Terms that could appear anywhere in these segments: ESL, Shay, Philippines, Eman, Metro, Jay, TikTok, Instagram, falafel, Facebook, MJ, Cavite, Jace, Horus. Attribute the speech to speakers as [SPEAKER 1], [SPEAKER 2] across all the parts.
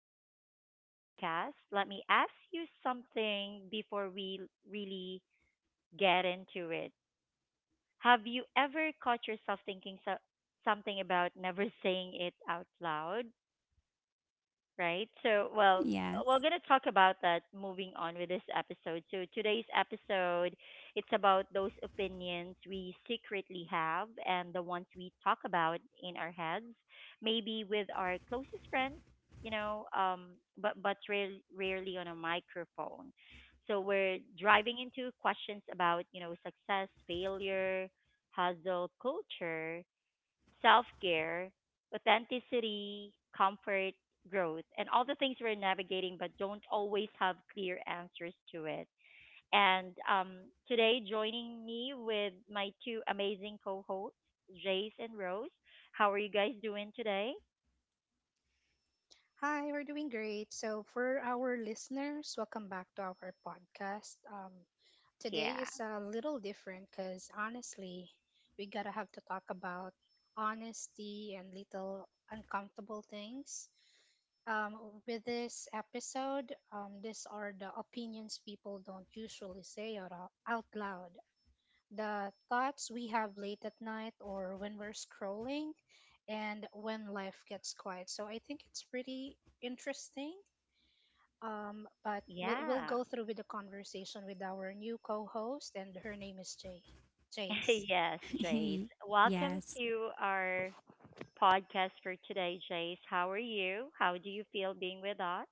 [SPEAKER 1] to the podcast. Let me ask you something before we really get into it. Have you ever caught yourself thinking something about never saying it out loud? right? So, well, we're
[SPEAKER 2] Yes.
[SPEAKER 1] going to talk about that moving on with this episode. So, today's episode, it's about those opinions we secretly have and the ones we talk about in our heads, maybe with our closest friends, you know, um, but rarely on a microphone. So, we're driving into questions about, you know, success, failure, hustle, culture, self care, authenticity, comfort, growth, and all the things we're navigating but don't always have clear answers to it. And Today, joining me with my two amazing co hosts, Jace and Rose. How are you guys doing today?
[SPEAKER 3] Hi, we're doing great. So, for our listeners, welcome back to our podcast.
[SPEAKER 1] Yeah.
[SPEAKER 3] Today is a little different because honestly, we gotta have to talk about honesty and little uncomfortable things. Um, with this episode, these are the opinions people don't usually say out loud, the thoughts we have late at night or when we're scrolling and when life gets quiet. So I think it's pretty interesting. But we'll
[SPEAKER 1] Yeah.
[SPEAKER 3] go through with the conversation with our new co-host, and her name is Jay. Jace.
[SPEAKER 1] Yes, Jace. Welcome
[SPEAKER 2] Yes.
[SPEAKER 1] to our podcast for today, Jace. How are you? How do you feel being with us?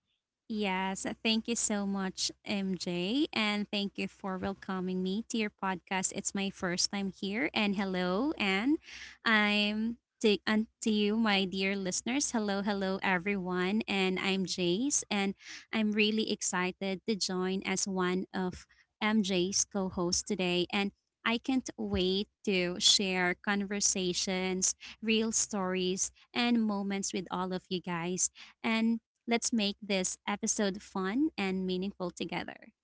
[SPEAKER 2] Yes, thank you so much, MJ, and thank you for welcoming me to your podcast. It's my first time here, and hello, and to you, my dear listeners. Hello, hello, everyone, and I'm Jace, and I'm really excited to join as one of MJ's co-hosts today, and I can't wait to share conversations, real stories, and moments with all of you guys. And let's make this episode fun and meaningful together.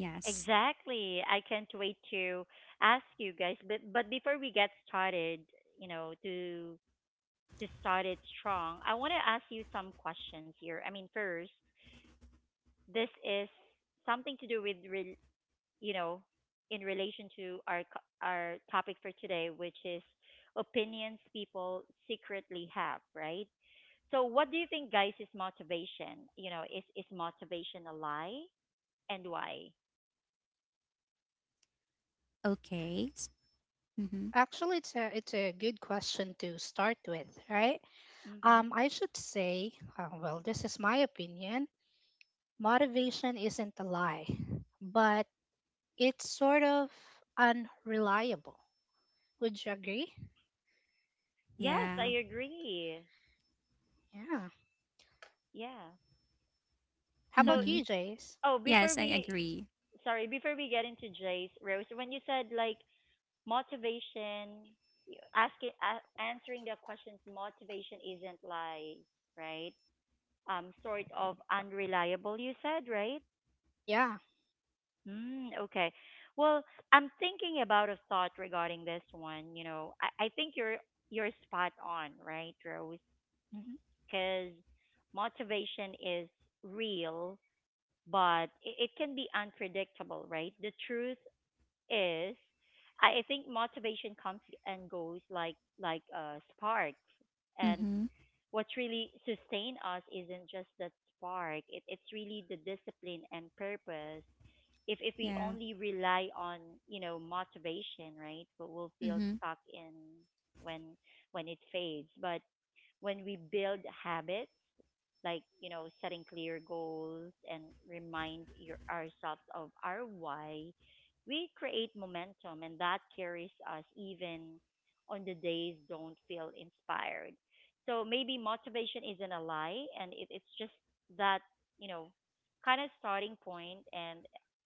[SPEAKER 2] Yes.
[SPEAKER 1] Exactly. I can't wait to ask you guys. But before we get started, you know, to start it strong, I want to ask you some questions here. I mean, first, this is something to do with rel you know, in relation to our our topic for today, which is opinions people secretly have, right? So, what do you think, guys, is motivation? You know, is motivation a lie, and why?
[SPEAKER 2] Okay. Mm-hmm.
[SPEAKER 3] Actually, it's a good question to start with, right?
[SPEAKER 1] Hmm.
[SPEAKER 3] I should say, well, this is my opinion. Motivation isn't a lie, but it's sort of unreliable. Would you agree?
[SPEAKER 1] Yes, I
[SPEAKER 2] Yeah.
[SPEAKER 1] agree.
[SPEAKER 3] Yeah.
[SPEAKER 1] Yeah.
[SPEAKER 3] How
[SPEAKER 1] So,
[SPEAKER 3] about
[SPEAKER 2] Mm-hmm.
[SPEAKER 3] you, Jace?
[SPEAKER 1] oh, before
[SPEAKER 2] Yes, I
[SPEAKER 1] we,
[SPEAKER 2] agree.
[SPEAKER 1] sorry, before we get into Jay's, Rose, when you said like motivation, you- asking, a answering the questions, motivation isn't like, right? Sort of unreliable, you said, right?
[SPEAKER 3] Yeah.
[SPEAKER 1] Mm, okay. Well, I'm thinking about a thought regarding this one. You know, I think you're spot on, right, Rose?
[SPEAKER 3] Hmm.
[SPEAKER 1] Because motivation is real but it can be unpredictable, right? The truth is, I think motivation comes and goes like a spark, and
[SPEAKER 2] Mm-hmm.
[SPEAKER 1] what really sustain us isn't just that spark. It's really the discipline and purpose. If we
[SPEAKER 2] Yeah.
[SPEAKER 1] only rely on you know motivation, right, but we'll feel
[SPEAKER 2] Mm-hmm.
[SPEAKER 1] stuck in when when it fades. But when we build habits like you know setting clear goals and ourselves of our why we create momentum, and that carries us even on the days don't feel inspired. So maybe motivation isn't a lie and it's just that you know kind of starting point, and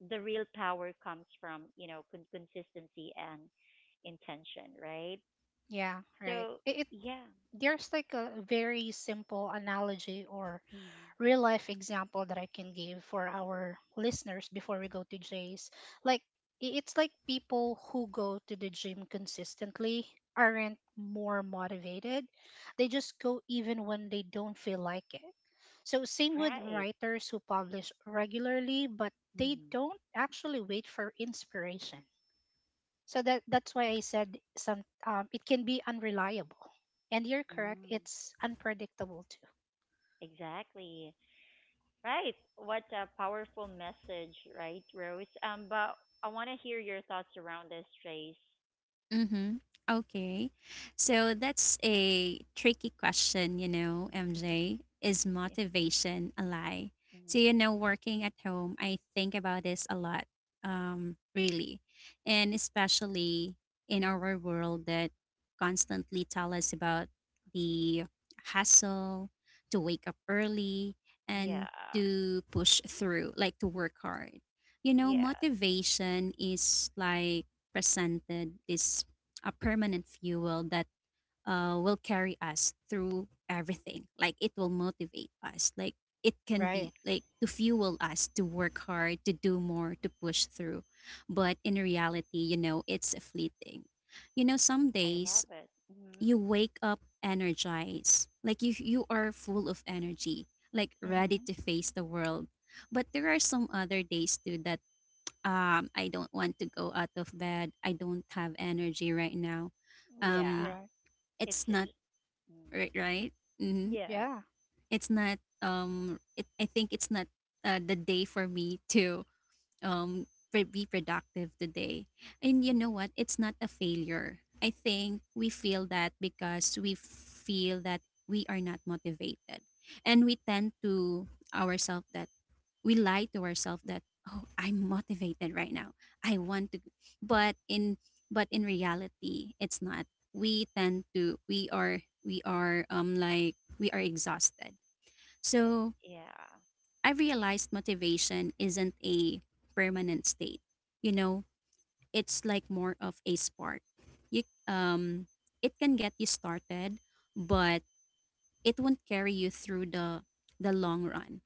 [SPEAKER 1] the real power comes from you know consistency and intention, right?
[SPEAKER 3] Yeah, right.
[SPEAKER 1] So
[SPEAKER 3] It,
[SPEAKER 1] yeah.
[SPEAKER 3] there's like a very simple analogy or
[SPEAKER 1] Mhm.
[SPEAKER 3] real life example that I can give for our listeners before we go to Jace. Like it's like people who go to the gym consistently aren't more motivated. They just go even when they don't feel like it. So same with
[SPEAKER 1] Right.
[SPEAKER 3] writers who publish regularly but they
[SPEAKER 1] Mhm.
[SPEAKER 3] don't actually wait for inspiration. So that's why I said some it can be unreliable. And you're correct,
[SPEAKER 1] Mm.
[SPEAKER 3] it's unpredictable too.
[SPEAKER 1] Exactly. Right. What a powerful message, right, Rose? But I want to hear your thoughts around this, Trace.
[SPEAKER 2] Mm-hmm. Okay. So that's a tricky question, you know, MJ. Is motivation a lie? So, you
[SPEAKER 1] Hmm.
[SPEAKER 2] know, working at home, I think about this a lot, really. And especially in our world that constantly tell us about the hustle, to wake up early
[SPEAKER 1] Yeah.
[SPEAKER 2] and to push through, like to work hard. You know,
[SPEAKER 1] Yeah.
[SPEAKER 2] motivation is like presented this a permanent fuel that will carry us through everything. Like it will motivate us. Like it can
[SPEAKER 3] Right.
[SPEAKER 2] be like to fuel us to work hard, to do more, to push through. But in reality, you know, it's fleeting. You know, some
[SPEAKER 1] I love
[SPEAKER 2] days
[SPEAKER 1] it. Hmm.
[SPEAKER 2] you wake up energized, like you are full of energy, like ready
[SPEAKER 3] Mm-hmm.
[SPEAKER 2] to face the world. But there are some other days too that I don't want to go out of bed. I don't have energy right now.
[SPEAKER 1] Yeah.
[SPEAKER 2] Um
[SPEAKER 3] Correct.
[SPEAKER 1] It's
[SPEAKER 2] it's
[SPEAKER 1] it's.
[SPEAKER 2] not
[SPEAKER 1] Mm.
[SPEAKER 2] right, right. hmm
[SPEAKER 1] Yes.
[SPEAKER 3] Yeah,
[SPEAKER 2] It's not, I think it's not the day for me to um be productive today. And you know
[SPEAKER 1] Hmm.
[SPEAKER 2] what? It's not a failure. I think we feel that because we feel that we are not motivated, and ourselves that we lie to ourselves that, oh, I'm motivated right now, I want to, but in but in reality, it's not. We are, like we are exhausted. So
[SPEAKER 1] Yeah.
[SPEAKER 2] I realized motivation isn't a permanent state, you know. It's like more of a spark. You it can get you started, but it won't carry you through the long run.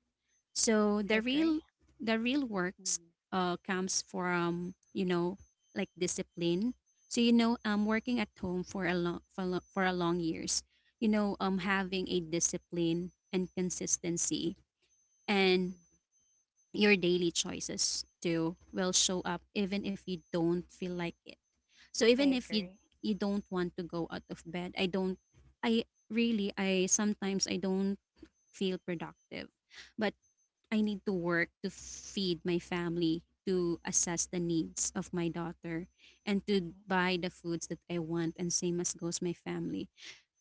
[SPEAKER 2] So
[SPEAKER 3] I
[SPEAKER 2] the
[SPEAKER 3] agree.
[SPEAKER 2] real the real works,
[SPEAKER 1] Hmm.
[SPEAKER 2] comes from, you know, like discipline. So, you know, working at home for a long years. You know, having a discipline and consistency, and
[SPEAKER 1] Hmm.
[SPEAKER 2] your daily choices too will show up even if you don't feel like it. So
[SPEAKER 3] I
[SPEAKER 2] even if you
[SPEAKER 3] agree.
[SPEAKER 2] you don't want to go out of bed, I don't feel productive. But I need to work to feed my family, to assess the needs of my daughter, and to
[SPEAKER 3] Mm-hmm.
[SPEAKER 2] buy the foods that I want, and same as goes my family.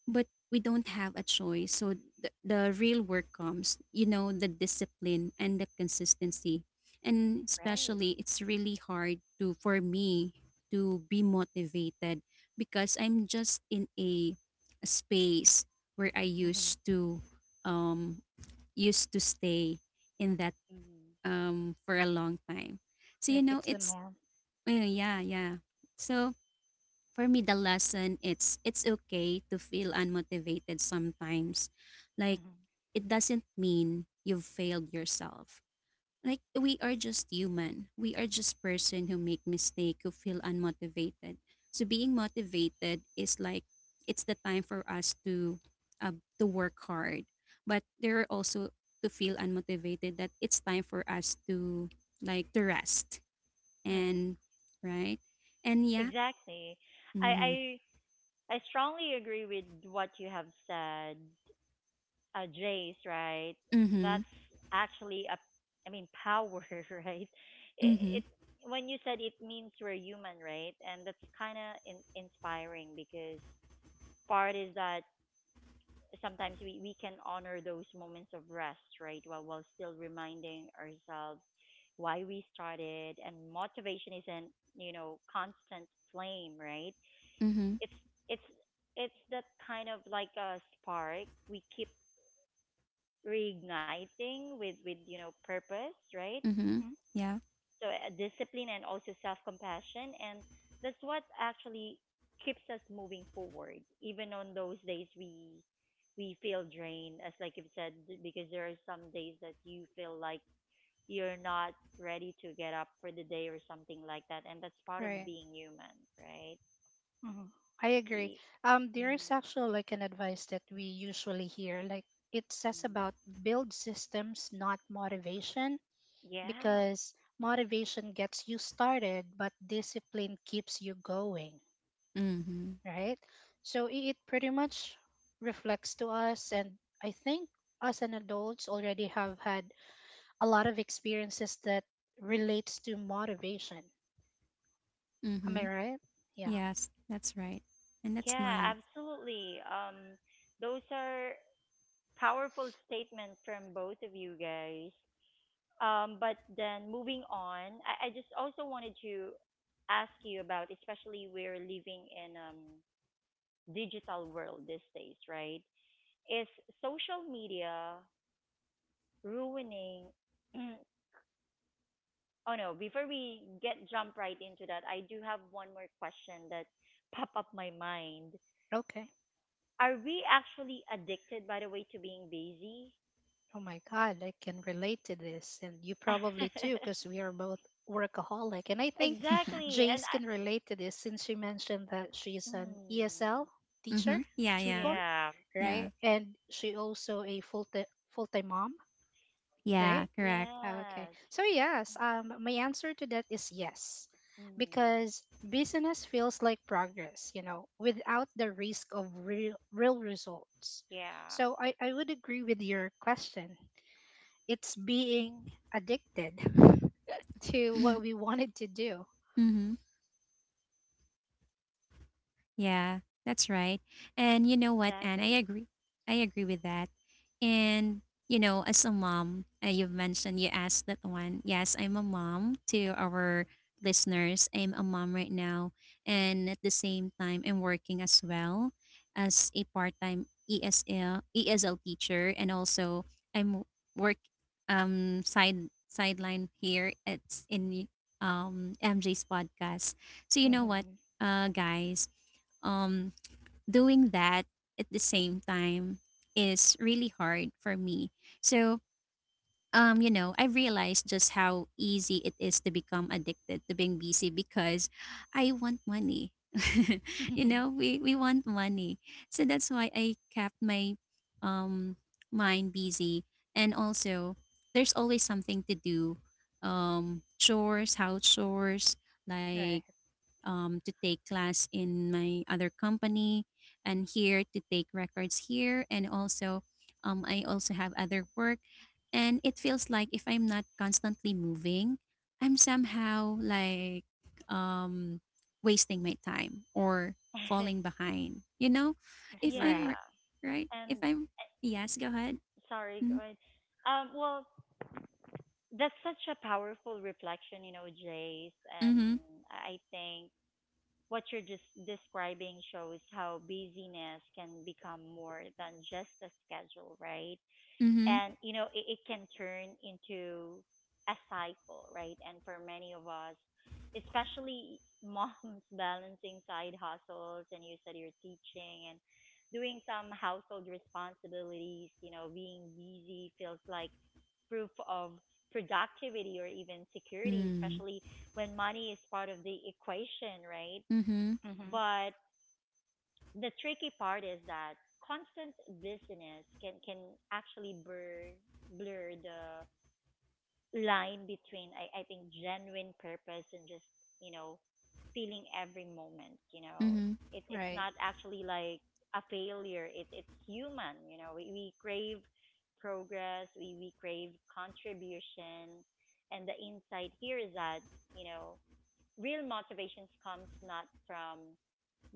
[SPEAKER 2] But we don't have a choice. So the real work comes, you know, the discipline and the consistency. And
[SPEAKER 1] Right.
[SPEAKER 2] especially, it's really hard to for me to be motivated because I'm just in a space where I
[SPEAKER 3] Mm-hmm.
[SPEAKER 2] um used to stay in that,
[SPEAKER 1] Hmm.
[SPEAKER 2] for a long time. So, you
[SPEAKER 3] Like
[SPEAKER 2] know,
[SPEAKER 3] it's the
[SPEAKER 2] it's
[SPEAKER 3] norm.
[SPEAKER 2] yeah, yeah. So for me, the lesson, it's okay to feel unmotivated sometimes. Like
[SPEAKER 3] Mm-hmm.
[SPEAKER 2] it doesn't mean you've failed yourself. Like we are just human. We are just person who make mistake, who feel unmotivated. So being motivated is like it's the time for us to, uh, work hard, but there are also to feel unmotivated, that it's time for us to, like, to rest.
[SPEAKER 3] Right.
[SPEAKER 2] And right. And yeah.
[SPEAKER 1] Exactly.
[SPEAKER 2] Mm-hmm.
[SPEAKER 1] I I I strongly agree with what you have said, Jace, right? That's
[SPEAKER 2] Mm-hmm.
[SPEAKER 1] actually a, I mean, power, right? It,
[SPEAKER 2] Mm-hmm.
[SPEAKER 1] it When you said it means we're human, right? And that's kind of inspiring because part is that sometimes we can honor those moments of rest, right? While still reminding ourselves why we started, and motivation isn't you know constant flame, right?
[SPEAKER 2] Mm-hmm.
[SPEAKER 1] It's it's it's that kind of like a spark we keep reigniting with you know purpose, right?
[SPEAKER 2] Mm-hmm.
[SPEAKER 3] Mm-hmm.
[SPEAKER 2] Yeah.
[SPEAKER 1] So, discipline and also self compassion, and that's what actually keeps us moving forward even on those days we feel drained as like you've said, because there are some days that you feel like you're not ready to get up for the day or something like that, and that's part of
[SPEAKER 3] Right.
[SPEAKER 1] being human, right?
[SPEAKER 3] Mm-hmm. I agree.
[SPEAKER 1] E-
[SPEAKER 3] There is
[SPEAKER 1] mm.
[SPEAKER 3] actually like an advice that we usually hear. Like it says
[SPEAKER 1] Mm.
[SPEAKER 3] about build systems, not motivation,
[SPEAKER 1] Yeah.
[SPEAKER 3] because motivation gets you started, but discipline keeps you going,
[SPEAKER 2] Mm-hmm.
[SPEAKER 3] right? So it pretty much reflects to us, and I think us and adults already have had a lot of experiences that relates to motivation. Am
[SPEAKER 2] Mm-hmm.
[SPEAKER 3] I right? Yeah.
[SPEAKER 2] Yes, that's right. And that's
[SPEAKER 1] Yeah,
[SPEAKER 2] nice.
[SPEAKER 1] absolutely. Um, those are powerful statement from both of you guys. But then moving on, I just also wanted to ask you about, especially we're living in digital world these days, right? Is social media ruining? Oh no! Before we get jump right into that, I do have one more question that pop up my mind.
[SPEAKER 3] Okay.
[SPEAKER 1] Are we actually addicted, by the way, to being busy?
[SPEAKER 3] Oh my God, I can relate to this, and you probably too, because we are both workaholic. And I think
[SPEAKER 1] Exactly.
[SPEAKER 3] Jace
[SPEAKER 1] And
[SPEAKER 3] can relate to this since she mentioned that she's an
[SPEAKER 1] Mm.
[SPEAKER 3] ESL teacher,
[SPEAKER 2] Mm-hmm. Yeah,
[SPEAKER 3] tutor,
[SPEAKER 2] yeah.
[SPEAKER 1] Yeah.
[SPEAKER 3] right?
[SPEAKER 2] Yeah.
[SPEAKER 3] And she also a full time mom,
[SPEAKER 2] Yeah,
[SPEAKER 3] right?
[SPEAKER 2] correct.
[SPEAKER 3] Oh, okay.
[SPEAKER 1] Yes.
[SPEAKER 3] So yes, my answer to that is yes,
[SPEAKER 1] Mm.
[SPEAKER 3] because business feels like progress, you know, without the risk of real results.
[SPEAKER 1] Yeah.
[SPEAKER 3] So I would agree with your question. It's being addicted to what we wanted to do.
[SPEAKER 2] Mhm. Yeah, that's right. And you know what, Anne? I
[SPEAKER 1] Exactly.
[SPEAKER 2] agree. I agree with that.
[SPEAKER 1] Mm,
[SPEAKER 2] And, you know, as a mom, you've mentioned, you asked that one. Yes, I'm a mom. To our listeners, I'm a mom right now, and
[SPEAKER 1] mhm.
[SPEAKER 2] at the same time, I'm working as well as a part-time ESL teacher, and also I'm work side sideline here. It's in MJ's podcast. So you know what,
[SPEAKER 3] Hmm.
[SPEAKER 2] guys, um doing that at the same time is really hard for me. So, you know, I realized just how easy it is to become addicted to being busy because I want money. You know, we want money. So that's why I kept my um mind busy. And also, there's always something to do. Chores, house chores, like,
[SPEAKER 3] Right.
[SPEAKER 2] to take class in my other company and here to take records here, and also, I also have other work, and it feels like if I'm not constantly moving, I'm somehow, like, um, wasting my time or falling behind, you know, if I'm
[SPEAKER 1] Yeah.
[SPEAKER 3] Right.
[SPEAKER 2] r- right, if
[SPEAKER 1] And
[SPEAKER 2] I'm
[SPEAKER 1] uh,
[SPEAKER 2] yes, go ahead.
[SPEAKER 1] sorry, go ahead. Well, that's such a powerful reflection, you know, Jace.
[SPEAKER 2] Mm-hmm.
[SPEAKER 1] And I think what you're just describing shows how busyness can become more than just a schedule, right?
[SPEAKER 2] Mm-hmm.
[SPEAKER 1] And you know it can turn into a cycle, right, and for many of us, especially moms, balancing side hustles, and you said you're teaching and doing some household responsibilities, you know being busy feels like proof of productivity or even security,
[SPEAKER 2] Mm-hmm. Mm.
[SPEAKER 1] especially when money is part of the equation, right?
[SPEAKER 2] Mm-hmm.
[SPEAKER 3] Hmm.
[SPEAKER 1] But the tricky part is that constant busyness can actually blur the line between, I think, genuine purpose and just you know feeling every moment you know.
[SPEAKER 2] Mm-hmm.
[SPEAKER 1] It it's
[SPEAKER 3] Right.
[SPEAKER 1] not actually like a failure, it's human, you know, we crave progress, we crave contribution, and the insight here is that you know real motivations comes not from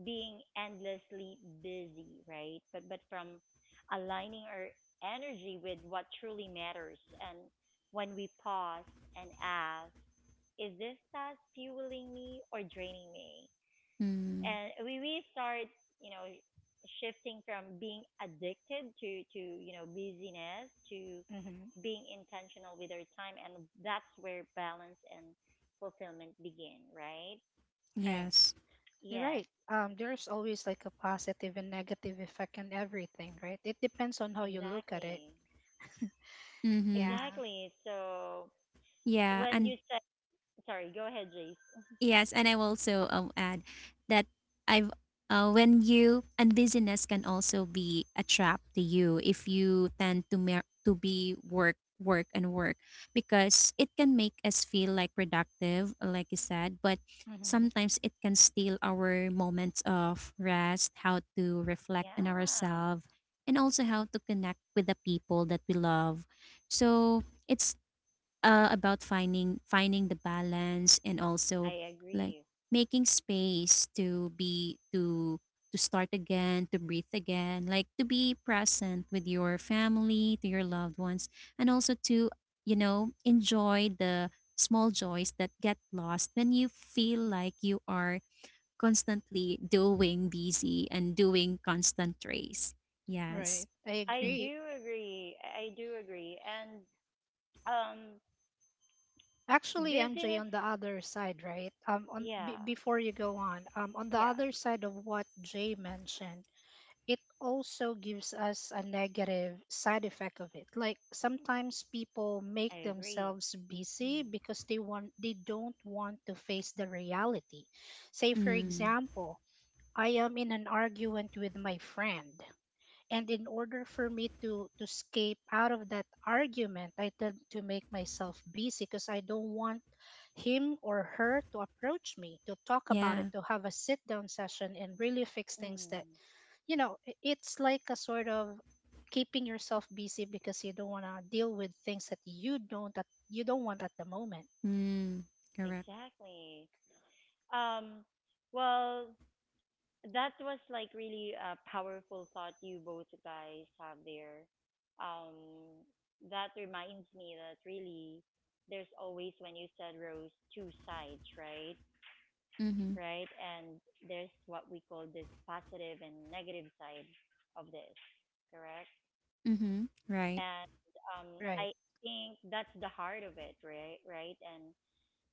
[SPEAKER 1] being endlessly busy, right? But from aligning our energy with what truly matters, and when we pause and ask, is this task fueling me or draining me?
[SPEAKER 2] Mm.
[SPEAKER 1] And we start, you know, shifting from being addicted to, you know, busyness to
[SPEAKER 3] Hmm.
[SPEAKER 1] being intentional with our time. And that's where balance and fulfillment begin, right?
[SPEAKER 3] Right.
[SPEAKER 2] Yes.
[SPEAKER 3] You're
[SPEAKER 1] Yes,
[SPEAKER 3] right. There's always like a positive and negative effect on everything, right? It depends on how you look at it.
[SPEAKER 1] exactly.
[SPEAKER 2] Mm-hmm.
[SPEAKER 3] Yeah.
[SPEAKER 1] Exactly. So
[SPEAKER 2] Yeah.
[SPEAKER 1] when
[SPEAKER 2] and
[SPEAKER 1] you said, sorry, go ahead, Jace.
[SPEAKER 2] Yes, and I will also, add that I've when you and busyness can also be a trap to you if you tend to be work work and work, because it can make us feel like productive, like you said, but
[SPEAKER 3] Hmm.
[SPEAKER 2] sometimes it can steal our moments of rest, how to reflect on
[SPEAKER 1] Yeah,
[SPEAKER 2] ourselves, and also how to connect with the people that we love. So it's, about finding the balance, and also,
[SPEAKER 1] I
[SPEAKER 2] like,
[SPEAKER 1] agree.
[SPEAKER 2] making space to start again, to breathe again, like to be present with your family, to your loved ones, and also to, you know, enjoy the small joys that get lost when you feel like you are constantly doing busy and doing constant race. Yes.
[SPEAKER 3] Right. I
[SPEAKER 1] I
[SPEAKER 2] Mm,
[SPEAKER 3] agree.
[SPEAKER 1] do agree. I do agree. And um,
[SPEAKER 3] Actually, MJ,
[SPEAKER 1] business,
[SPEAKER 3] on the other side, right? On
[SPEAKER 1] yeah,
[SPEAKER 3] before you go on the
[SPEAKER 1] yeah,
[SPEAKER 3] other side of what Jay mentioned, it also gives us a negative side effect of it. Like sometimes people
[SPEAKER 1] I
[SPEAKER 3] make
[SPEAKER 1] agree.
[SPEAKER 3] themselves busy
[SPEAKER 1] Mm,
[SPEAKER 3] because they don't want to face the reality. Say, for
[SPEAKER 2] mm.
[SPEAKER 3] example, I am in an argument with my friend. And in order for me to escape out of that argument, I tend to make myself busy because I don't want him or her to approach me to talk about it,
[SPEAKER 2] Yeah.
[SPEAKER 3] to have a sit down session and really fix things that
[SPEAKER 1] mm,
[SPEAKER 3] you know, it's like a sort of keeping yourself busy because you don't want to deal with things that you don't want at the moment.
[SPEAKER 2] Mm. Correct.
[SPEAKER 1] exactly. Um, well, that was like really a powerful thought you both guys have there. Um, that reminds me that really there's always, when you said Rose, two sides, right?
[SPEAKER 2] Mm-hmm.
[SPEAKER 1] Right? And there's what we call this positive and negative side of this, correct?
[SPEAKER 2] Mhm. Right.
[SPEAKER 1] And um,
[SPEAKER 3] Right.
[SPEAKER 1] I think that's the heart of it, right? Right? And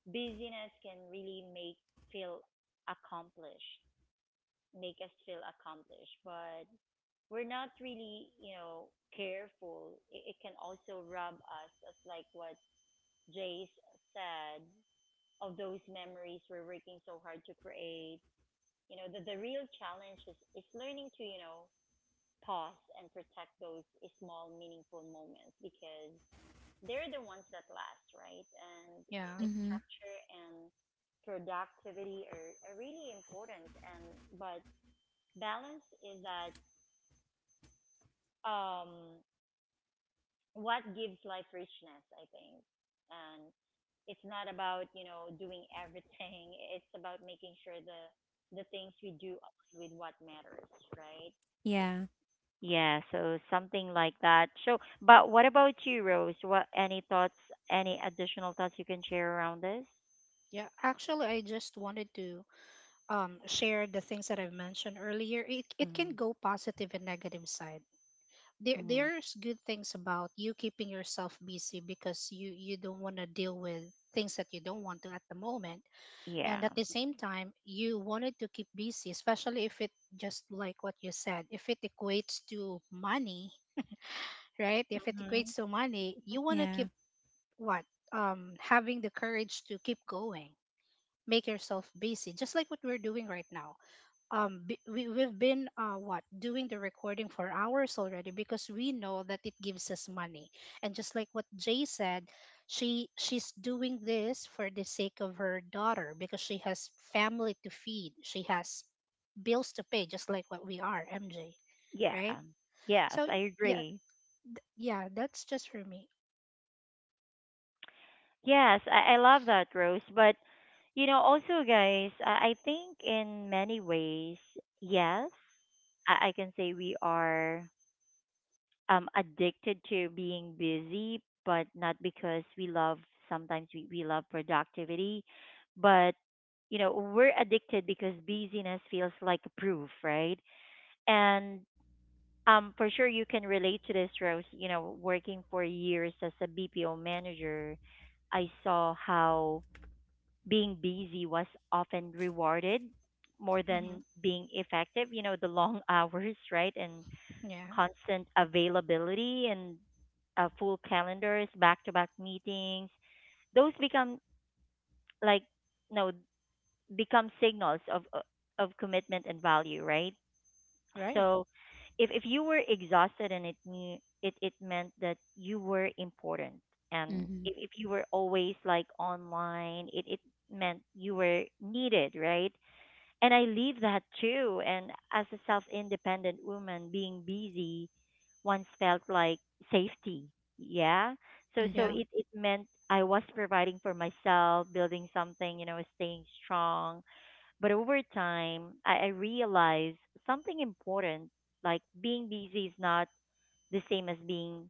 [SPEAKER 1] busyness can really make feel accomplished, make us feel accomplished, but we're not really, you know, careful, it can also rob us of like what Jace said of those memories we're working so hard to create. You know, the real challenge is learning to, you know, pause and protect those small, meaningful moments because they're the ones that last, right? And
[SPEAKER 3] Yeah.
[SPEAKER 1] it's
[SPEAKER 2] Mhm.
[SPEAKER 1] structure and productivity are really important. And, but balance is that, um, what gives life richness, I think. And it's not about, you know, doing everything. It's about making sure the things we do align with what matters, right?
[SPEAKER 2] Yeah.
[SPEAKER 1] Yeah, so something like that. So, but what about you, Rose? What any thoughts, any additional thoughts you can share around this?
[SPEAKER 3] Yeah. Actually, I just wanted to share the things that I've mentioned earlier. It
[SPEAKER 1] Mm-hmm.
[SPEAKER 3] can go positive and negative side. There
[SPEAKER 1] Mm-hmm.
[SPEAKER 3] there's good things about you keeping yourself busy because you don't want to deal with things that you don't want to at the moment.
[SPEAKER 1] Yeah.
[SPEAKER 3] And at the same time, you wanted to keep busy especially if it, just like what you said, if it equates to money, right? If it
[SPEAKER 1] Mm-hmm.
[SPEAKER 3] equates to money, you want to
[SPEAKER 2] Yeah.
[SPEAKER 3] keep what having the courage to keep going, make yourself busy just like what we're doing right now. We've been what doing the recording for hours already because we know that it gives us money. And just like what Jay said, she's doing this for the sake of her daughter because she has family to feed, she has bills to pay, just like what we are, MJ,
[SPEAKER 1] Yeah.
[SPEAKER 3] right?
[SPEAKER 1] Yes,
[SPEAKER 3] So
[SPEAKER 1] I
[SPEAKER 3] yeah,
[SPEAKER 1] agree.
[SPEAKER 3] yeah, that's just for me.
[SPEAKER 1] Yes, I love that, Rose. But, you know, also, guys, I think in many ways, yes, I can say we are addicted to being busy, but not because sometimes we love productivity, but, you know, we're addicted because busyness feels like a proof, right? And for sure, you can relate to this, Rose. You know, working for years as a BPO manager, I saw how being busy was often rewarded more
[SPEAKER 3] Hmm.
[SPEAKER 1] than being effective. You know, the long hours, right? And
[SPEAKER 3] Yeah.
[SPEAKER 1] constant availability and full calendars, back to back meetings. Those become like, no, become signals of commitment and value, right?
[SPEAKER 3] Right.
[SPEAKER 1] So if you were exhausted and it knew it, it meant that you were important, and
[SPEAKER 2] Mhm.
[SPEAKER 1] if you were always like online, it meant you were needed, right? And I leave that too, and as a self independent woman being busy once felt like safety. Yeah, so so
[SPEAKER 3] Yeah.
[SPEAKER 2] Mhm.
[SPEAKER 1] it meant I was providing for myself, building something, you know, staying strong. But over time, I realized something important, like being busy is not the same as being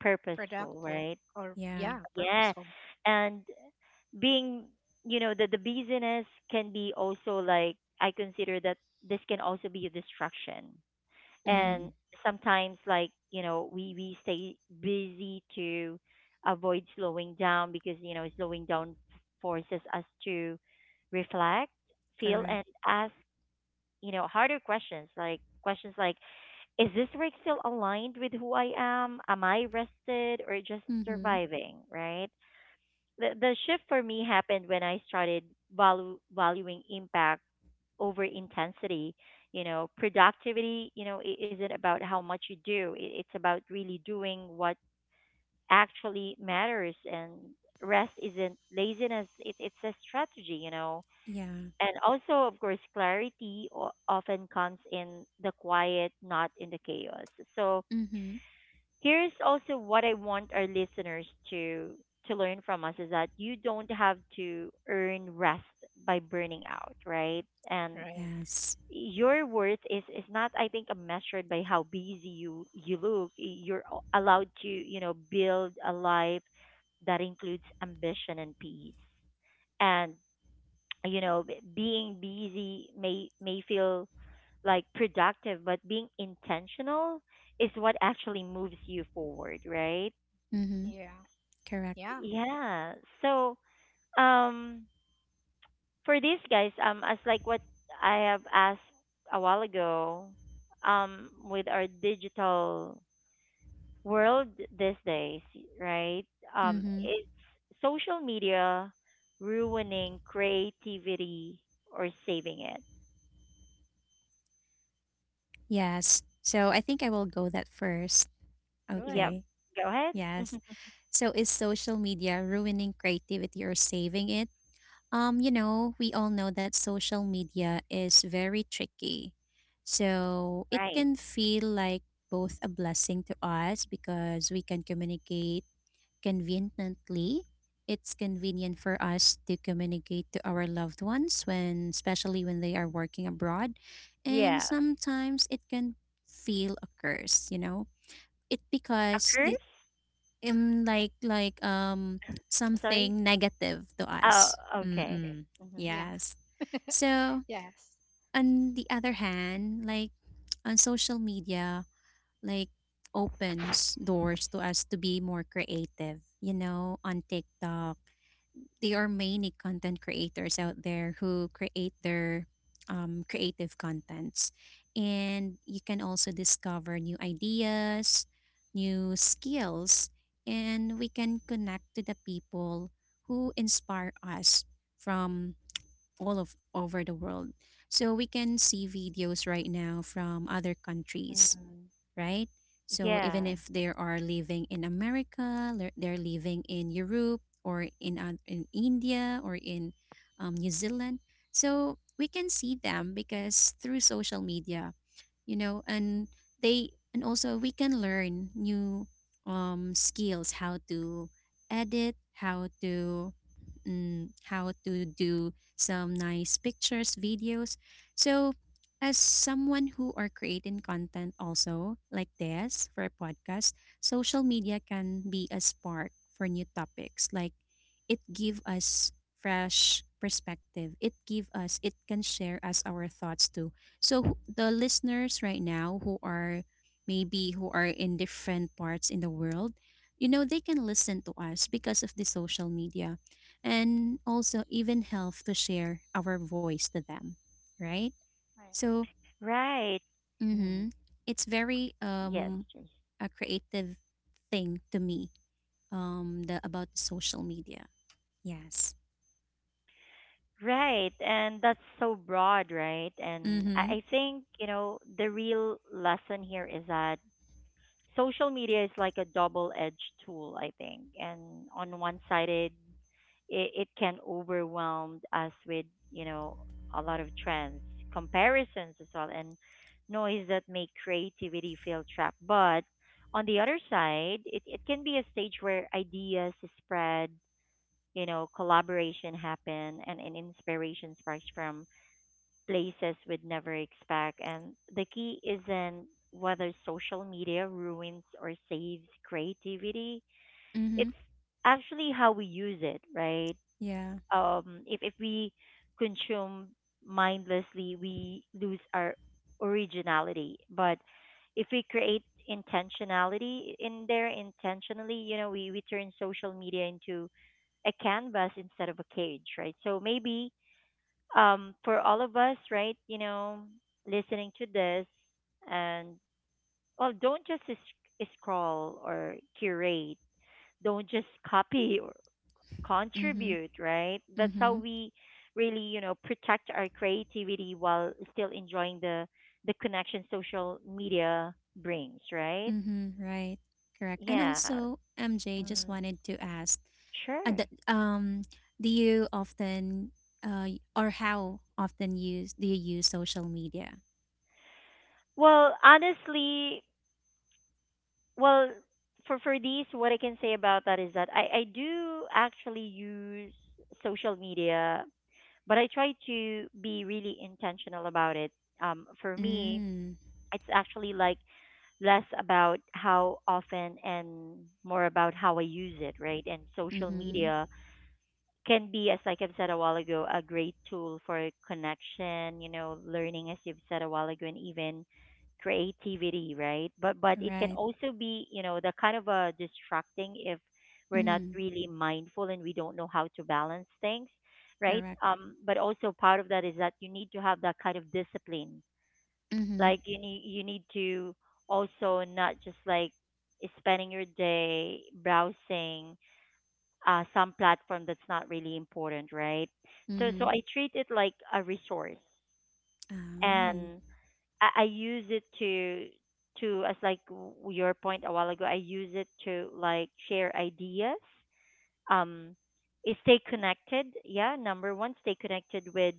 [SPEAKER 1] purposeful,
[SPEAKER 3] Productive
[SPEAKER 1] right?
[SPEAKER 3] or
[SPEAKER 2] Yeah.
[SPEAKER 3] yeah,
[SPEAKER 1] Yeah.
[SPEAKER 3] purposeful.
[SPEAKER 1] And being, you know, the busyness can be also like, I consider that this can also be a distraction.
[SPEAKER 3] Hmm.
[SPEAKER 2] Mm.
[SPEAKER 1] And sometimes, like, you know, we stay busy to avoid slowing down because, you know, slowing down forces us to reflect, feel, and
[SPEAKER 2] Correct.
[SPEAKER 1] ask you know, harder questions like is this work still aligned with who I am? Am I rested or just
[SPEAKER 2] Mhm.
[SPEAKER 1] surviving? Right. The shift for me happened when I started valuing impact over intensity. You know, productivity, you know, isn't about how much you do. It's about really doing what actually matters, and rest isn't laziness. It's a strategy, you know,
[SPEAKER 2] Yeah.
[SPEAKER 1] and also, of course, clarity often comes in the quiet, not in the chaos. So
[SPEAKER 2] Mhm.
[SPEAKER 1] here's also what I want our listeners to learn from us is that you don't have to earn rest by burning out, right? And
[SPEAKER 3] Right.
[SPEAKER 2] Yes.
[SPEAKER 1] your worth is not, I think, measured by how busy you look. You're allowed to, you know, build a life that includes ambition and peace. And you know being busy may feel like productive, but being intentional is what actually moves you forward, right?
[SPEAKER 2] Mhm.
[SPEAKER 3] Yeah.
[SPEAKER 2] Correct.
[SPEAKER 3] Yeah,
[SPEAKER 1] Yeah. So um for these guys, as like what I have asked a while ago, with our digital world these days, right?
[SPEAKER 2] Mhm.
[SPEAKER 1] It's social media ruining creativity or saving it?
[SPEAKER 2] Yes. So I think I will go that first.
[SPEAKER 3] go
[SPEAKER 1] Yep.
[SPEAKER 3] ahead.
[SPEAKER 2] Okay.
[SPEAKER 1] Go ahead.
[SPEAKER 2] Yes. So is social media ruining creativity or saving it? You know, we all know that social media is very tricky. So it
[SPEAKER 1] Right.
[SPEAKER 2] can feel like both a blessing to us because we can communicate conveniently. It's convenient for us to communicate to our loved ones when, especially when they are working abroad. And
[SPEAKER 1] Yeah. A
[SPEAKER 2] sometimes it can feel a curse, you know? It because the
[SPEAKER 1] curse?
[SPEAKER 2] like
[SPEAKER 1] Sorry.
[SPEAKER 2] something negative to
[SPEAKER 1] Oh,
[SPEAKER 2] us.
[SPEAKER 1] okay.
[SPEAKER 3] Okay.
[SPEAKER 2] Mm-mm.
[SPEAKER 1] Mm-hmm.
[SPEAKER 3] Yeah.
[SPEAKER 2] Yes. So
[SPEAKER 3] Yes.
[SPEAKER 2] on the other hand, like on social media, like, opens doors to us to be more creative. You know, on TikTok there are
[SPEAKER 3] Hmm.
[SPEAKER 2] many content creators out there who create their, creative contents, and you can also discover new ideas, new skills, and we can connect to the people who inspire us from all of over the world. So we can see videos right now from other countries,
[SPEAKER 1] Mm.
[SPEAKER 2] right? So even if
[SPEAKER 1] Yeah.
[SPEAKER 2] they are living in America, they're living in Europe, or in India, or in, New Zealand, so we can see them because through social media, you know, and also we can learn new, skills, how to edit, how to, how to do some nice pictures, videos. So, as someone who are creating content also like this for a podcast, social media can be a spark for new topics. Like it give us fresh perspective. It can share us our thoughts too. So the listeners right now who are in different parts in the world, you know, they can listen to us because of the social media, and also even health to share our voice to them, right?
[SPEAKER 3] Right.
[SPEAKER 2] So,
[SPEAKER 1] Right. Mm.
[SPEAKER 2] hmm it's very,
[SPEAKER 1] Yes, yes.
[SPEAKER 2] a creative thing to me, about social media. Yes.
[SPEAKER 1] Right. And that's so broad, right? And
[SPEAKER 2] Mm-hmm.
[SPEAKER 1] I think, you know, the real lesson here is that social media is like a double-edged tool, I think. And on one sided, it can overwhelm us with, you know, a lot of trends, comparisons as well, and noise that make creativity feel trapped. But on the other side, it can be a stage where ideas spread, you know, collaboration happen, and inspiration sparks from places we'd never expect. And the key isn't whether social media ruins or saves creativity.
[SPEAKER 2] Mm-hmm.
[SPEAKER 1] It's actually how we use it, right?
[SPEAKER 2] Yeah.
[SPEAKER 1] If we consume mindlessly, we lose our originality. But if we create intentionality in there intentionally, you know, we turn social media into a canvas instead of a cage, right? So maybe, for all of us, right? You know, listening to this and well, don't just scroll or curate. Don't just copy or
[SPEAKER 2] Mm-hmm.
[SPEAKER 1] contribute, right? That's how
[SPEAKER 2] Mm-hmm.
[SPEAKER 1] we really, you know, protect our creativity while still enjoying the connection social media brings, right?
[SPEAKER 2] Mm-hmm. Right. Correct. And
[SPEAKER 1] Yeah.
[SPEAKER 2] also, MJ, just
[SPEAKER 1] Mm,
[SPEAKER 2] wanted to ask, uh,
[SPEAKER 1] sure.
[SPEAKER 2] the, um, do you often, or how often use do you use social media?
[SPEAKER 1] Well, honestly, well, for these, what I can say about that is that I do actually use social media, but I try to be really intentional about it. For me,
[SPEAKER 2] Mm.
[SPEAKER 1] it's actually like less about how often and more about how I use it, right? And social
[SPEAKER 2] Mm-hmm.
[SPEAKER 1] media can be, as like I've said a while ago, a great tool for connection, you know, learning, as you've said a while ago, and even creativity, right? But it can
[SPEAKER 2] Right.
[SPEAKER 1] also be, you know, the kind of a distracting if we're not
[SPEAKER 2] Mm,
[SPEAKER 1] really mindful and we don't know how to balance things, right?
[SPEAKER 2] correct.
[SPEAKER 1] But also part of that is that you need to have that kind of discipline.
[SPEAKER 2] Mm-hmm.
[SPEAKER 1] Like you need to also not just like spending your day browsing some platform that's not really important, right? So
[SPEAKER 2] Mm-hmm.
[SPEAKER 1] so I treat it like a resource,
[SPEAKER 2] Oh.
[SPEAKER 1] and I use it to as like your point a while ago. I use it to like share ideas, um, stay connected. Yeah, number one, stay connected with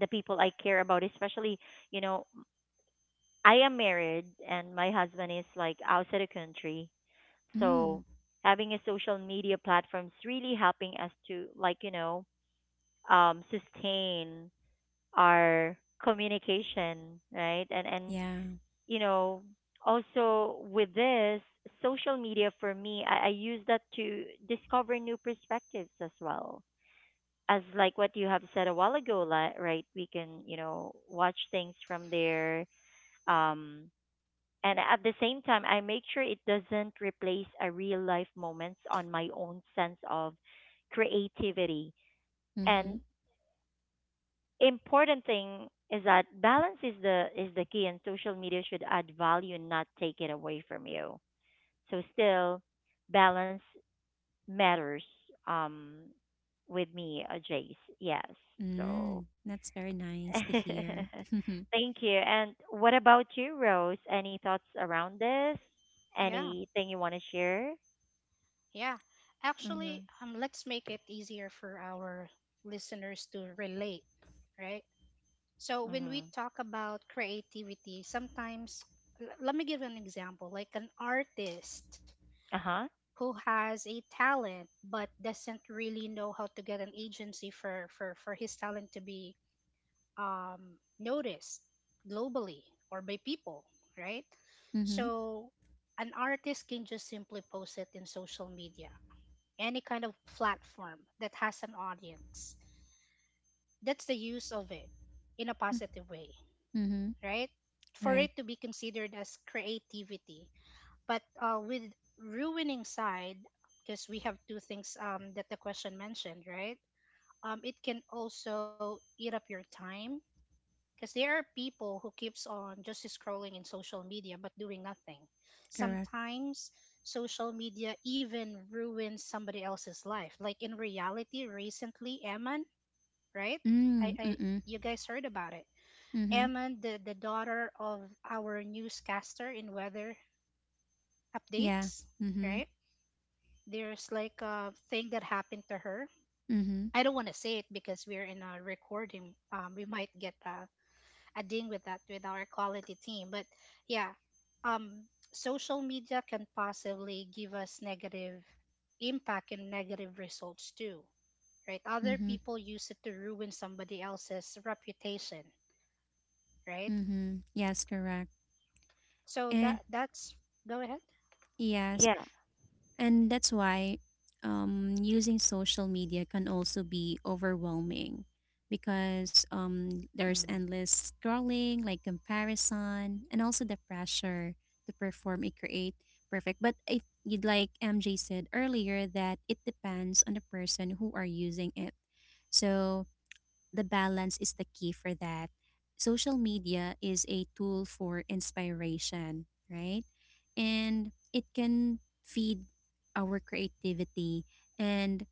[SPEAKER 1] the people I care about, especially, you know, I am married and my husband is like outside the country,
[SPEAKER 2] Mm.
[SPEAKER 1] so having a social media platform is really helping us to, like, you know, sustain our communication, right? And
[SPEAKER 2] Yeah.
[SPEAKER 1] you know, also with this social media for me, I use that to discover new perspectives as well. As like what you have said a while ago, right? We can, you know, watch things from there. Um, and at the same time, I make sure it doesn't replace a real life moments on my own sense of creativity. And
[SPEAKER 2] Mm-hmm.
[SPEAKER 1] important thing is that balance is the key, and social media should add value and not take it away from you. So still, balance matters. um with me, Jace, yes. So
[SPEAKER 2] Mm. That's very nice to hear. Mm-hmm.
[SPEAKER 1] thank you. And what about you, Rose? Any thoughts around this,
[SPEAKER 3] Yeah.
[SPEAKER 1] anything you want to share?
[SPEAKER 3] Yeah. Actually,
[SPEAKER 1] Mhm.
[SPEAKER 3] let's make it easier for our listeners to relate, right? So when we
[SPEAKER 1] Mhm.
[SPEAKER 3] talk about creativity, sometimes let me give an example, like an artist
[SPEAKER 1] Uh-huh.
[SPEAKER 3] who has a talent but doesn't really know how to get an agency for his talent to be noticed globally or by people, right?
[SPEAKER 2] Mm-hmm.
[SPEAKER 3] So an artist can just simply post it in social media, any kind of platform that has an audience. That's the use of it in a positive way,
[SPEAKER 2] Mm-hmm.
[SPEAKER 3] right? For
[SPEAKER 2] Right.
[SPEAKER 3] it to be considered as creativity. But with ruining side, because we have two things that the question mentioned, right? It can also eat up your time because there are people who keeps on just scrolling in social media but doing nothing.
[SPEAKER 2] Correct.
[SPEAKER 3] Sometimes social media even ruins somebody else's life. Like in reality, recently, Eman, right?
[SPEAKER 2] Mm.
[SPEAKER 3] I
[SPEAKER 2] Mm-mm.
[SPEAKER 3] you guys heard about it.
[SPEAKER 2] Mm-hmm.
[SPEAKER 3] Eman, the daughter of our newscaster in weather
[SPEAKER 2] Yeah.
[SPEAKER 3] updates,
[SPEAKER 2] Mm-hmm.
[SPEAKER 3] right? There's like a thing that happened to her.
[SPEAKER 2] Mm-hmm.
[SPEAKER 3] I don't want to say it because we're in a recording. We might get adding with that with our quality team. But yeah, um, social media can possibly give us negative impact and negative results too, right? Other
[SPEAKER 2] Mm-hmm.
[SPEAKER 3] people use it to ruin somebody else's reputation, right?
[SPEAKER 2] Mm-hmm. Yes, correct.
[SPEAKER 3] So
[SPEAKER 2] Eh.
[SPEAKER 3] that's go ahead,
[SPEAKER 2] Yes.
[SPEAKER 1] Yeah.
[SPEAKER 2] And that's why, using social media can also be overwhelming because, there's
[SPEAKER 1] Mm.
[SPEAKER 2] endless scrolling, like comparison, and also the pressure to perform and create perfect. But if you'd like MJ said earlier, that it depends on the person who are using it. So the balance is the key for that. Social media is a tool for inspiration, right? And it can feed our creativity, and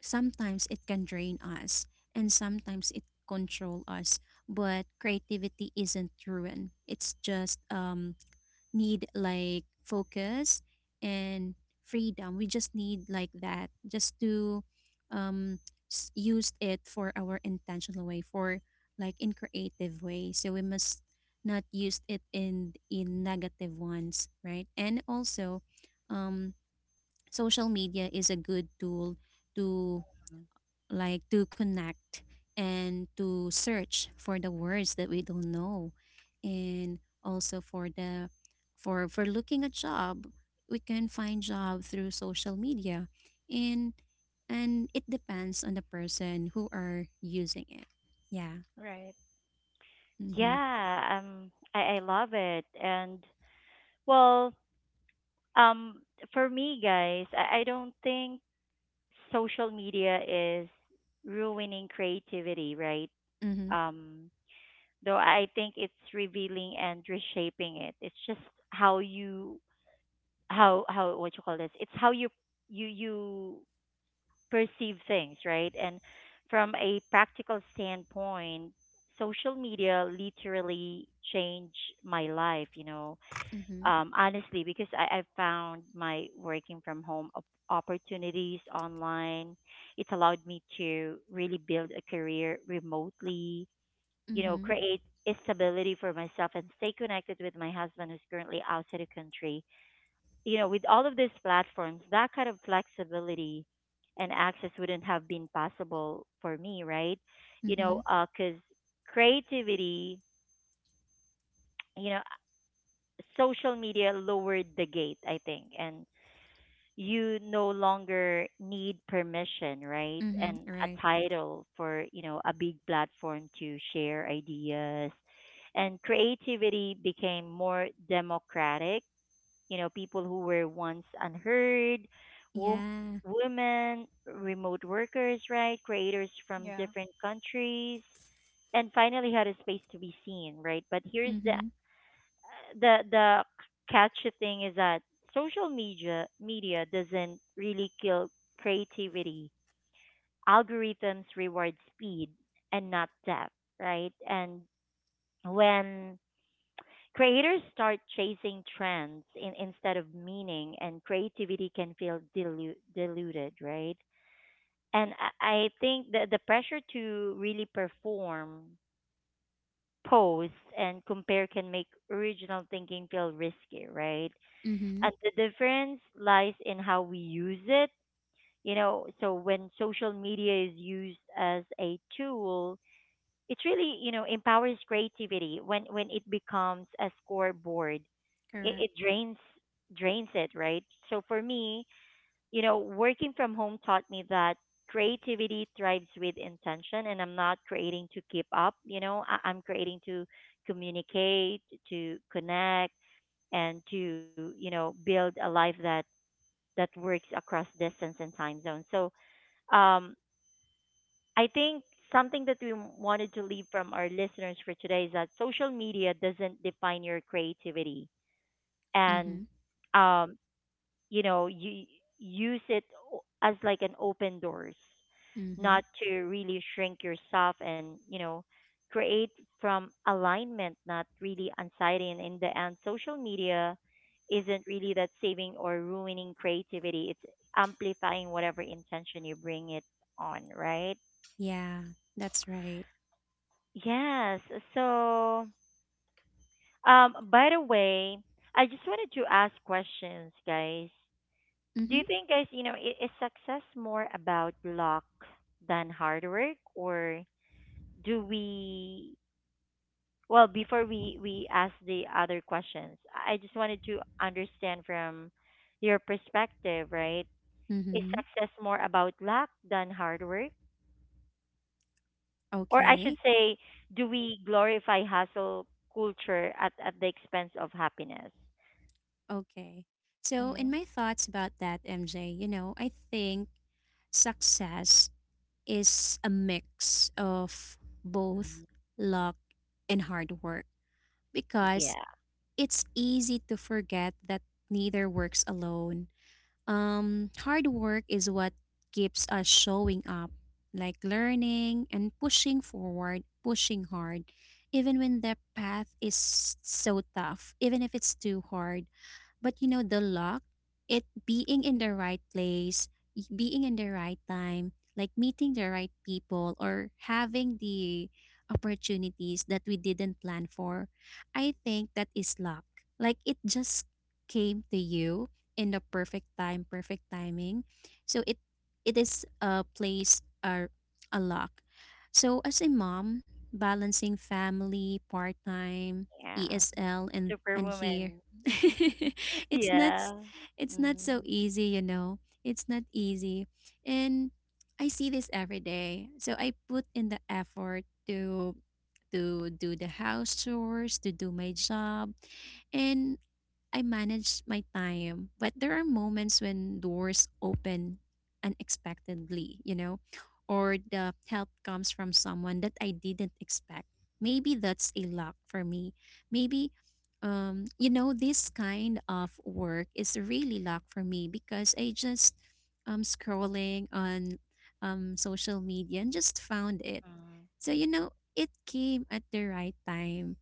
[SPEAKER 2] sometimes it can drain us, and sometimes it control us, but creativity isn't ruined, it's just, need like focus and freedom. We just need like that just to, um use it for our intentional way, for like in creative way. So we must not use it in negative ones, right? And also um social media is a good tool to, like, to connect and to search for the words that we don't know, and also for the for looking a job. We can find job through social media. And and it depends on the person who are using it. Yeah.
[SPEAKER 3] right?
[SPEAKER 2] Mhm.
[SPEAKER 1] Yeah, I love it. And well, um for me, guys, I don't think social media is ruining creativity, right?
[SPEAKER 2] Mhm.
[SPEAKER 1] um though I think it's revealing and reshaping it. It's just how you how what you call this it's how you you perceive things, right? And from a practical standpoint, social media literally changed my life, you know.
[SPEAKER 2] Mhm.
[SPEAKER 1] Honestly, because I found my working from home opportunities online. It's allowed me to really build a career remotely, you know,
[SPEAKER 2] Mhm.
[SPEAKER 1] create stability for myself and stay connected with my husband who's currently outside the country. You know, with all of these platforms, that kind of flexibility and access wouldn't have been possible for me, right? You know,
[SPEAKER 2] Mhm.
[SPEAKER 1] because creativity, you know, social media lowered the gate, I think. And you no longer need permission, right?
[SPEAKER 2] Mhm.
[SPEAKER 1] And a
[SPEAKER 2] Right.
[SPEAKER 1] title for, you know, a big platform to share ideas. And creativity became more democratic. You know, people who were once unheard, wom-
[SPEAKER 2] Yeah.
[SPEAKER 1] women, remote workers, right? Creators from
[SPEAKER 3] Yeah.
[SPEAKER 1] different countries and finally had a space to be seen, right? But here's the
[SPEAKER 2] Mhm.
[SPEAKER 1] the catchy thing is that social media doesn't really kill creativity. Algorithms reward speed and not depth, right? And when creators start chasing trends instead of meaning, and creativity can feel diluted, right? And I think that the pressure to really perform, post, and compare can make original thinking feel risky, right?
[SPEAKER 2] Mhm.
[SPEAKER 1] And the difference lies in how we use it. You know, so when social media is used as a tool, it really, you know, empowers creativity. When it becomes a scoreboard, it
[SPEAKER 2] Correct.
[SPEAKER 1] drains it, right? So for me, you know, working from home taught me that creativity thrives with intention, and I'm not creating to keep up, you know, I'm creating to communicate, to connect, and to, you know, build a life that works across distance and time zones. So, um, I think something that we wanted to leave from our listeners for today is that social media doesn't define your creativity. And,
[SPEAKER 2] Mhm.
[SPEAKER 1] um, you know, you use it as like an open doors,
[SPEAKER 2] Mhm.
[SPEAKER 1] not to really shrink yourself, and, you know, create from alignment, not really anxiety. And in the end, social media isn't really that saving or ruining creativity. It's amplifying whatever intention you bring it on, right?
[SPEAKER 2] Yeah, that's right.
[SPEAKER 1] Yes. So, by the way, I just wanted to ask questions, guys. Do you
[SPEAKER 2] Mhm.
[SPEAKER 1] think, guys, you know, is success more about luck than hard work, or do we? Well, before we ask the other questions, I just wanted to understand from your perspective, right? Is
[SPEAKER 2] Mhm.
[SPEAKER 1] success more about luck than hard work, or I
[SPEAKER 2] Okay.
[SPEAKER 1] should say, do we glorify hustle culture at the expense of happiness?
[SPEAKER 2] Okay. So, in
[SPEAKER 1] Hmm.
[SPEAKER 2] my thoughts about that, MJ, you know, I think success is a mix of both luck and hard work,
[SPEAKER 1] Yeah,
[SPEAKER 2] because it's easy to forget that neither works alone. Hard work is what keeps us showing up, like learning and pushing forward, pushing hard, even when the path is so tough, even if it's too hard. But you know, the luck, it being in the right place, being in the right time, like meeting the right people or having the opportunities that we didn't plan for, I think that is luck. Like it just came to you in the perfect time, perfect timing. So it is a place or a luck. So as a mom, balancing family, part time,
[SPEAKER 1] yeah,
[SPEAKER 2] ESL, and here
[SPEAKER 1] superwoman.
[SPEAKER 2] it's not s-
[SPEAKER 1] Yeah.
[SPEAKER 2] it's not so
[SPEAKER 1] Mm.
[SPEAKER 2] easy, you know. It's not easy. And I see this every day. So I put in the effort to do the house chores, to do my job, and I manage my time. But there are moments when doors open unexpectedly, you know, or the help comes from someone that I didn't expect. Maybe that's a luck for me. Maybe you know, this kind of work is really luck for me because I just scrolling on social media and just found it.
[SPEAKER 1] Mm.
[SPEAKER 2] So you know, it came at the right time.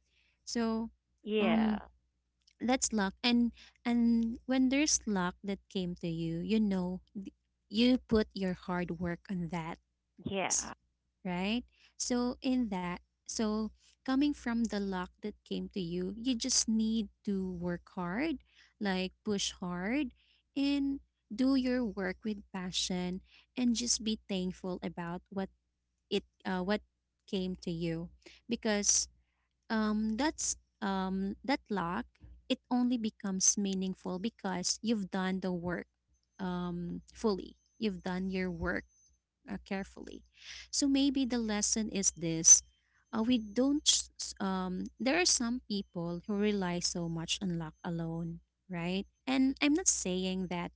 [SPEAKER 2] So
[SPEAKER 1] Yeah.
[SPEAKER 2] um that's luck, and when there's luck that came to you, you know you put your hard work on that,
[SPEAKER 1] Yeah.
[SPEAKER 2] s- right? So in that, so coming from the luck that came to you, you just need to work hard, like push hard and do your work with passion and just be thankful about what it what came to you, because that's that luck, it only becomes meaningful because you've done the work fully, you've done your work carefully. So maybe the lesson is this: we don't. S- s- there are some people who rely so much on luck alone, right? And I'm not saying that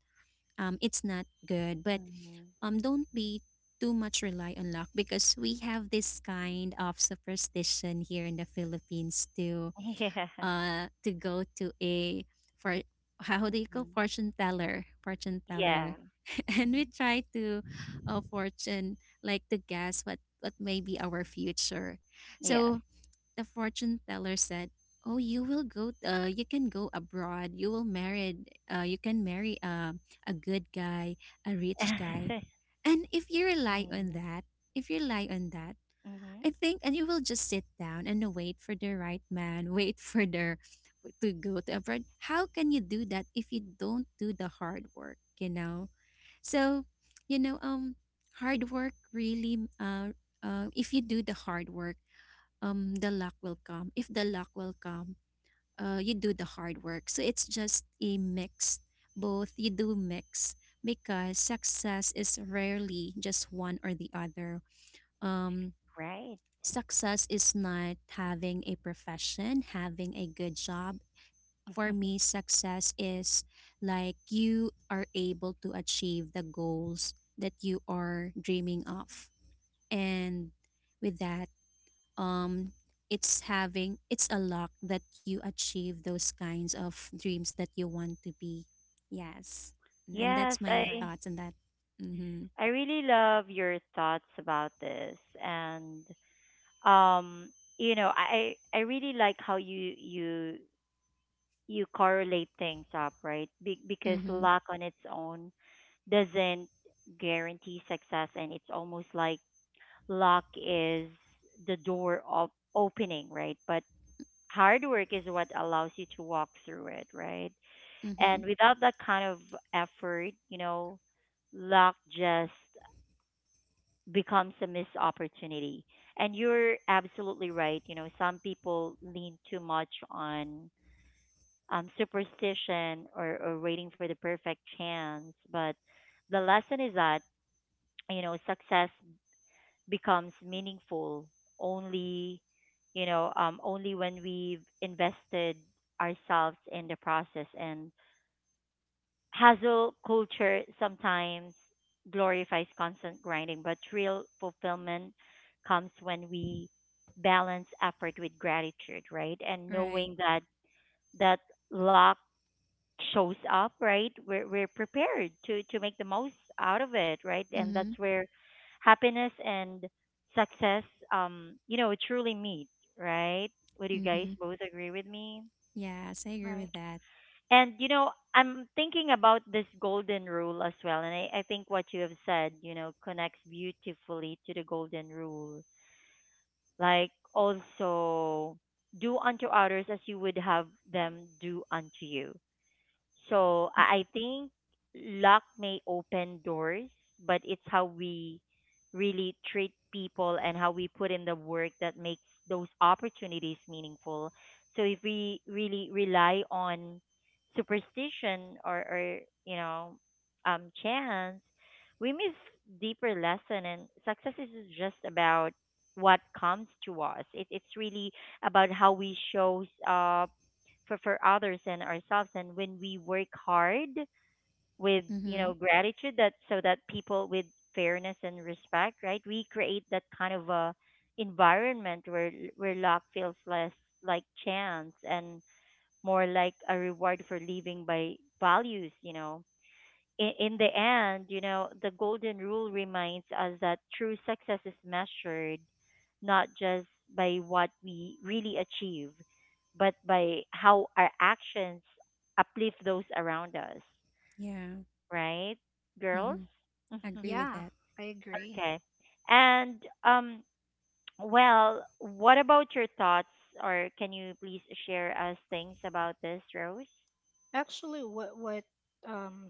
[SPEAKER 2] it's not good, but
[SPEAKER 1] Mm.
[SPEAKER 2] don't be too much rely on luck, because we have this kind of superstition here in the Philippines too,
[SPEAKER 1] Yeah.
[SPEAKER 2] to go to a for, how do you call,
[SPEAKER 1] Mm.
[SPEAKER 2] fortune teller, fortune teller.
[SPEAKER 1] Yeah.
[SPEAKER 2] And we
[SPEAKER 3] Hmm.
[SPEAKER 2] try to fortune, like to guess what may be our future.
[SPEAKER 1] Yes.
[SPEAKER 2] So the fortune teller said, oh, you will go, you can go abroad, you will marry, you can marry a good guy, a rich guy. And if you rely on
[SPEAKER 1] Mm.
[SPEAKER 2] that, if you rely on that,
[SPEAKER 1] Mhm.
[SPEAKER 2] I think, and you will just sit down and wait for the right man, wait for the to go to abroad. How can you do that if you don't do the hard work? You know, so you know, hard work really, if you do the hard work, the luck will come. If the luck will come, you do the hard work. So it's just a mix. Both you do mix, because success is rarely just one or the other. Um,
[SPEAKER 1] Right.
[SPEAKER 2] Success is not having a profession, having a good job. For me, success is like you are able to achieve the goals that you are dreaming of. And with that, um it's having, it's a luck that you achieve those kinds of dreams that you want to be. Yes. And that's
[SPEAKER 1] Yes,
[SPEAKER 2] my
[SPEAKER 3] Right,
[SPEAKER 2] thoughts on that. Mhm.
[SPEAKER 1] I really love your thoughts about this, and um you know, I really like how you you correlate things up, right? Because
[SPEAKER 2] Mhm.
[SPEAKER 1] luck on its own doesn't guarantee success, and it's almost like luck is the door of opening, right? But hard work is what allows you to walk through it, right? And
[SPEAKER 2] Mhm.
[SPEAKER 1] without that kind of effort, you know, luck just becomes a missed opportunity. And you're absolutely right. You know, some people lean too much on, superstition, or waiting for the perfect chance. But the lesson is that, you know, success becomes meaningful only, you know, only when we've invested ourselves in the process. And hustle culture sometimes glorifies constant grinding, but real fulfillment comes when we balance effort with gratitude, right? And knowing
[SPEAKER 2] Right.
[SPEAKER 1] that that luck shows up, right, we're prepared to make the most out of it, right? And that's
[SPEAKER 2] Mm-hmm.
[SPEAKER 1] where happiness and success, you know, truly meet, right? Would you guys
[SPEAKER 2] Mm-hmm.
[SPEAKER 1] both agree with me?
[SPEAKER 2] Yes, I agree
[SPEAKER 3] right.
[SPEAKER 2] with that.
[SPEAKER 1] And you know, I'm thinking about this golden rule as well, and I think what you have said, you know, connects beautifully to the golden rule. Like also, do unto others as you would have them do unto you. So I think luck may open doors, but it's how we really treat people and how we put in the work that makes those opportunities meaningful. So if we really rely on superstition, or, you know, chance, we miss deeper lesson. And success is just about what comes to us. It's really about how we shows up for others and ourselves. And when we work hard with, you know,
[SPEAKER 2] Mm-hmm.
[SPEAKER 1] gratitude, that so that people with fairness and respect, right, we create that kind of a environment where luck feels less like chance and more like a reward for living by values, you know. In the end, you know, the golden rule reminds us that true success is measured not just by what we really achieve, but by how our actions uplift those around us,
[SPEAKER 2] Yeah.
[SPEAKER 1] right, girls?
[SPEAKER 2] Mm-hmm. Agree with
[SPEAKER 3] Yeah,
[SPEAKER 2] that.
[SPEAKER 3] I agree.
[SPEAKER 1] Okay. And, well, what about your thoughts, or can you please share us things about this, Rose?
[SPEAKER 3] Actually, um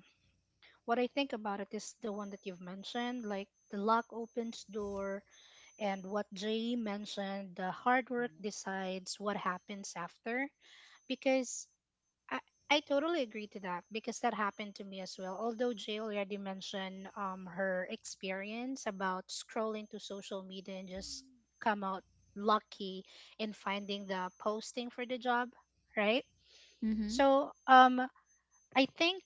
[SPEAKER 3] what I think about it is the one that you've mentioned, like the lock opens door, and what Jay mentioned, the hard work decides what happens after. Because I, I totally agree to that because that happened to me as well. Although Jay already mentioned her experience about scrolling to social media and just come out lucky in finding the posting for the job, right?
[SPEAKER 2] Mm-hmm.
[SPEAKER 3] So I think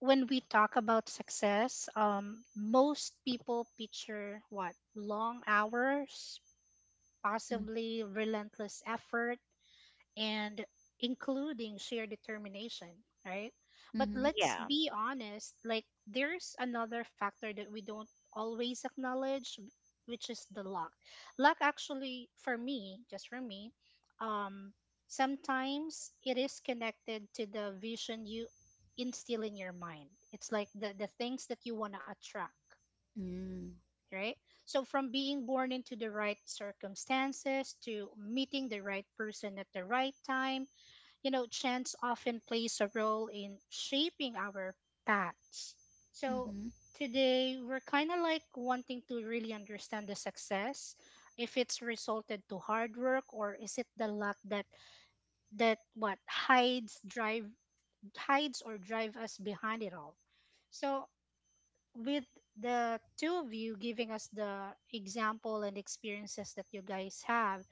[SPEAKER 3] when we talk about success, most people picture what long hours, possibly relentless effort, and including sheer determination, right? But
[SPEAKER 2] Mm-hmm.
[SPEAKER 3] let's
[SPEAKER 1] Yeah.
[SPEAKER 3] be honest, like there's another factor that we don't always acknowledge, which is the luck. Luck actually for me, just for me, um sometimes it is connected to the vision you instill in your mind. It's like the things that you want to attract,
[SPEAKER 2] Mm-hmm.
[SPEAKER 3] right? So from being born into the right circumstances to meeting the right person at the right time, you know, chance often plays a role in shaping our paths. So
[SPEAKER 2] Mm-hmm.
[SPEAKER 3] today we're kind of like wanting to really understand the success, if it's resulted to hard work or is it the luck that that what hides drive hides or drive us behind it all. So with the two of you giving us the example and experiences that you guys have,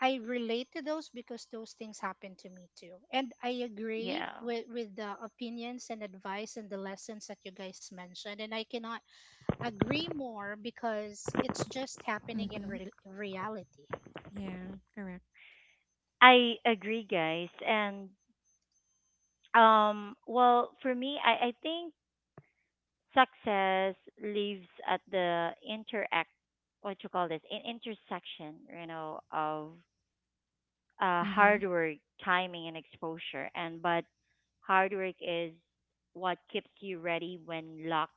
[SPEAKER 3] I relate to those because those things happen to me too. And I agree
[SPEAKER 1] Yeah.
[SPEAKER 3] with the opinions and advice and the lessons that you guys mentioned. And I cannot agree more because it's just happening in
[SPEAKER 2] Mm-hmm.
[SPEAKER 3] reality.
[SPEAKER 2] Yeah. Correct.
[SPEAKER 1] I agree, guys. And well, for me, I think success lives at the interact, what you call this, in intersection, you know, of,
[SPEAKER 2] Mm-hmm.
[SPEAKER 1] hard work, timing, and exposure. And but hard work is what keeps you ready when luck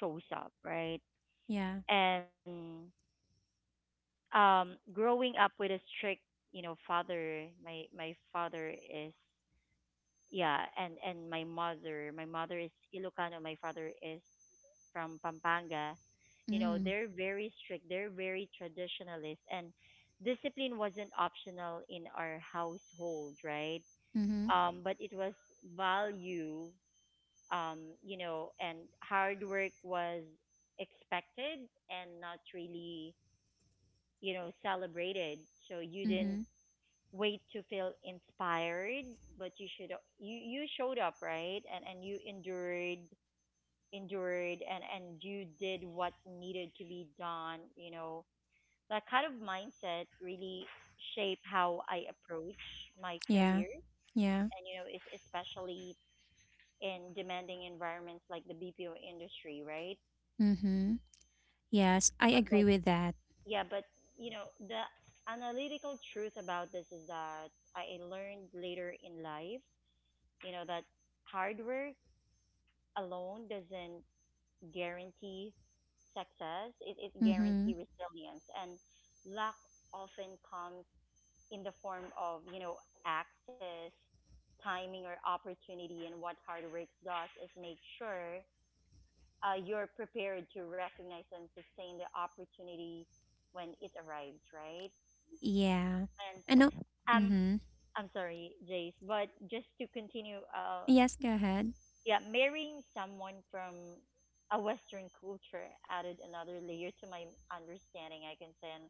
[SPEAKER 1] shows up, right?
[SPEAKER 2] Yeah.
[SPEAKER 1] And growing up with a strict, you know, father, my father is yeah, and my mother, my mother is Ilocano, my father is from Pampanga. You know,
[SPEAKER 2] Mm.
[SPEAKER 1] they're very strict, they're very traditionalist, and discipline wasn't optional in our household, right?
[SPEAKER 2] Mm-hmm.
[SPEAKER 1] But it was value, you know, and hard work was expected and not really, you know, celebrated. So you didn't
[SPEAKER 2] Mm-hmm.
[SPEAKER 1] wait to feel inspired, but you should you you showed up, right? And you endured and you did what needed to be done, you know. That kind of mindset really shape how I approach my
[SPEAKER 2] Yeah.
[SPEAKER 1] career, and
[SPEAKER 2] Yeah.
[SPEAKER 1] you know especially in demanding environments like the BPO industry, right?
[SPEAKER 2] Mm-hmm. Yes,
[SPEAKER 1] yeah
[SPEAKER 2] I
[SPEAKER 1] but but
[SPEAKER 2] agree with that.
[SPEAKER 1] yeah but you know, the analytical truth about this is that I learned later in life, you know, that hard work alone doesn't guarantee success. It guarantee
[SPEAKER 2] Mm-hmm.
[SPEAKER 1] resilience. And luck often comes in the form of, you know, access, timing or opportunity. And what hard work does is make sure you're prepared to recognize and sustain the opportunity when it arrives, right?
[SPEAKER 2] Yeah.
[SPEAKER 1] And
[SPEAKER 2] And no.
[SPEAKER 1] um,
[SPEAKER 2] Mm-hmm.
[SPEAKER 1] I'm sorry, Jace, but just to continue
[SPEAKER 2] Yes. Go ahead.
[SPEAKER 1] yeah, marrying someone from a Western culture added another layer to my understanding, I can say. And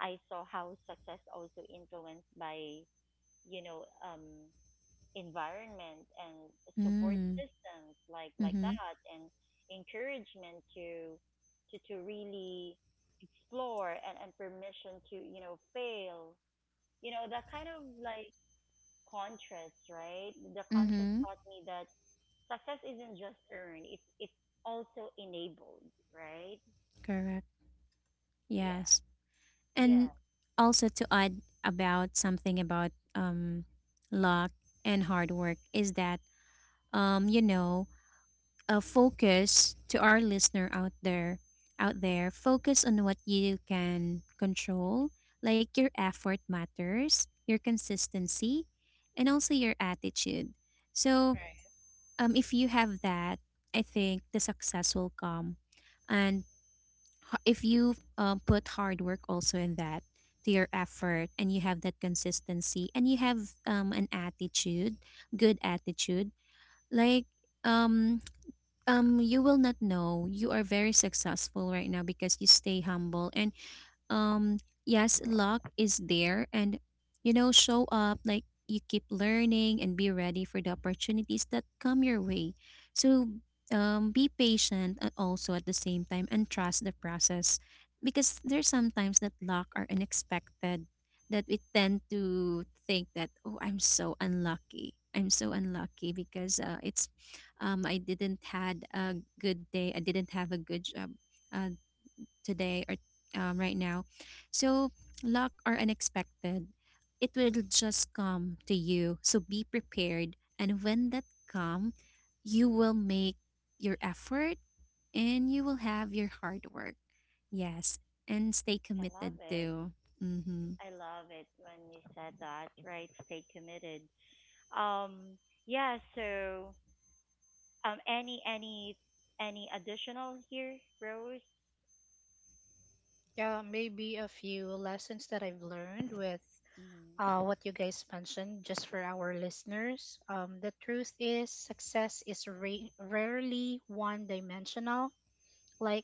[SPEAKER 1] I saw how success also influenced by, you know, environment and support
[SPEAKER 2] Mm.
[SPEAKER 1] systems, like
[SPEAKER 2] Mm-hmm.
[SPEAKER 1] that, and encouragement to to really explore, and permission to, you know, fail. You know, that kind of like contrast, right? The contrast
[SPEAKER 2] Mm-hmm.
[SPEAKER 1] taught me that success isn't just earned, it's also enabled, right?
[SPEAKER 2] Correct.
[SPEAKER 1] Yeah,
[SPEAKER 2] Yes.
[SPEAKER 1] yeah,
[SPEAKER 2] And also to add about something about luck and hard work, is that you know, a focus to our listener out there, focus on what you can control, like your effort matters, your consistency, and also your attitude. So,
[SPEAKER 3] Right.
[SPEAKER 2] if you have that, I think the success will come. And if you put hard work also in that, to your effort, and you have that consistency, and you have an attitude, good attitude, like um you will not know you are very successful right now because you stay humble. And um yes, luck is there, and you know, show up, like you keep learning and be ready for the opportunities that come your way. So be patient, and also at the same time, and trust the process, because there's sometimes that luck are unexpected, that we tend to think that, oh, I'm so unlucky, I'm so unlucky, because it's I didn't had a good day, I didn't have a good job uh, today, or right now. So, luck or unexpected, it will just come to you. So, be prepared. And when that comes, you
[SPEAKER 1] mm.
[SPEAKER 2] will make your effort, and you will have your hard work. Yes. And stay
[SPEAKER 1] I love
[SPEAKER 2] committed
[SPEAKER 1] it.
[SPEAKER 2] to. Mm-hmm.
[SPEAKER 1] I love it when you said that, right? Stay committed. um yeah, so any any additional here, Rose?
[SPEAKER 3] Yeah, maybe a few lessons that I've learned with
[SPEAKER 1] Hmm.
[SPEAKER 3] what you guys mentioned, just for our listeners. The truth is, success is rarely one dimensional. Like,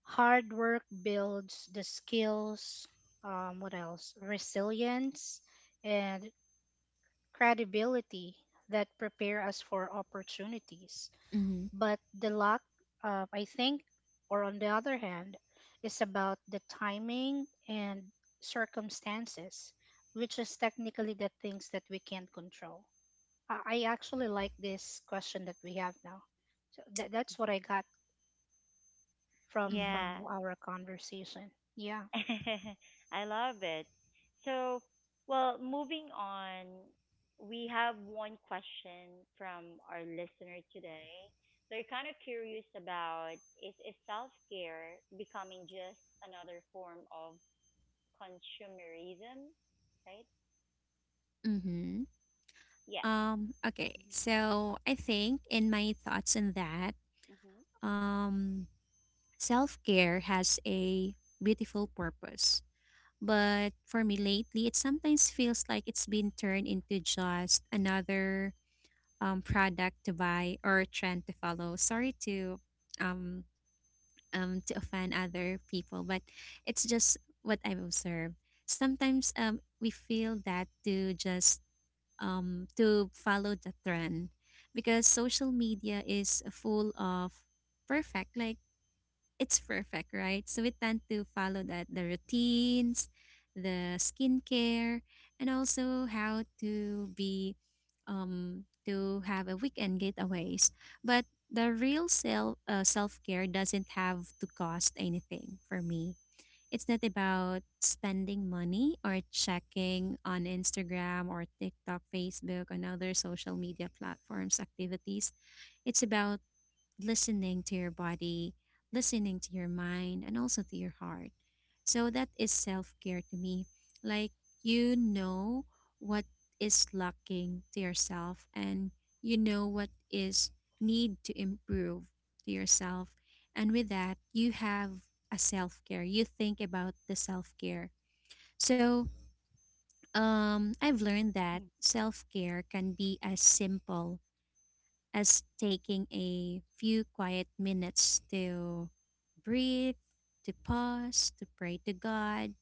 [SPEAKER 3] hard work builds the skills, what else? Resilience and credibility that prepare us for opportunities.
[SPEAKER 2] Mm-hmm.
[SPEAKER 3] But the luck, I think, or on the other hand, is about the timing and circumstances, which is technically the things that we can't control. I actually like this question that we have now. So that's what I got
[SPEAKER 2] Mm-hmm.
[SPEAKER 1] Yeah.
[SPEAKER 3] from our conversation. Yeah.
[SPEAKER 1] I love it. So, well, moving on, we have one question from our listener today. They're kind of curious about is self care becoming just another form of consumerism, right?
[SPEAKER 2] Mm-hmm.
[SPEAKER 1] Yeah.
[SPEAKER 2] Okay. So I think in my thoughts on that,
[SPEAKER 1] Mm-hmm.
[SPEAKER 2] um, self care has a beautiful purpose. But for me lately, it sometimes feels like it's been turned into just another product to buy or a trend to follow. Sorry um, to offend other people, but it's just what I've observed. Sometimes we feel that to just to follow the trend, because social media is full of perfect, like it's perfect, right? So we tend to follow that the routines, the skincare, and also how to be to have a weekend getaways. But the real self care doesn't have to cost anything for me. It's not about spending money or checking on Instagram or TikTok, Facebook, and other social media platforms activities. It's about listening to your body, listening to your mind, and also to your heart. So that is self care to me. Like you know what is lacking to yourself, and you know what is need to improve to yourself. And with that, you have a self care. You think about the self care. So I've learned that self care can be as simple as taking a few quiet minutes to breathe, to pause, to pray to God,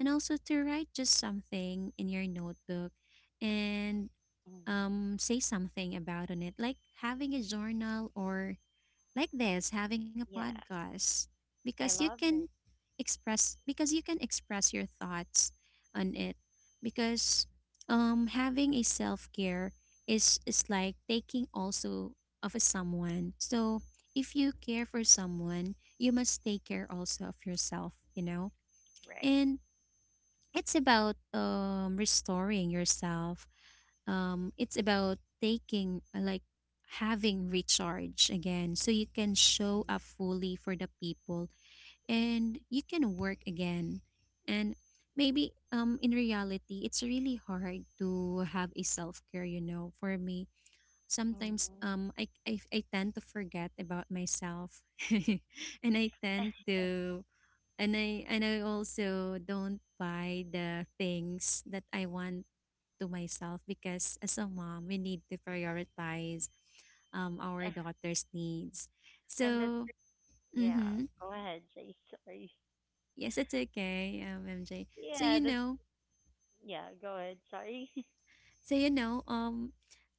[SPEAKER 2] and also to write just something in your notebook, and
[SPEAKER 1] Mm-hmm.
[SPEAKER 2] say something about on it, like having a journal, or like this, having a
[SPEAKER 1] Yeah,
[SPEAKER 2] podcast, because
[SPEAKER 1] I
[SPEAKER 2] you
[SPEAKER 1] love
[SPEAKER 2] can
[SPEAKER 1] it.
[SPEAKER 2] express, your thoughts on it, because having a self-care is like taking also of a someone. So if you care for someone, you must take care also of yourself, you know.
[SPEAKER 1] Right.
[SPEAKER 2] And it's about restoring yourself. It's about taking like having recharge again, so you can show up fully for the people, and you can work again. And maybe in reality, it's really hard to have a self-care, you know. For me, sometimes
[SPEAKER 1] Mm-hmm.
[SPEAKER 2] I tend to forget about myself. And I tend to and I also don't buy the things that I want to myself, because as a mom, we need to prioritize our daughter's needs.
[SPEAKER 1] And that's,
[SPEAKER 2] So,
[SPEAKER 1] yeah,
[SPEAKER 2] mhm.
[SPEAKER 1] go ahead, Jay. Sorry.
[SPEAKER 2] Yes, it's okay, MJ. So
[SPEAKER 1] Yeah,
[SPEAKER 2] you
[SPEAKER 1] that's.
[SPEAKER 2] know,
[SPEAKER 1] Yeah, go ahead. Sorry.
[SPEAKER 2] so you know, um,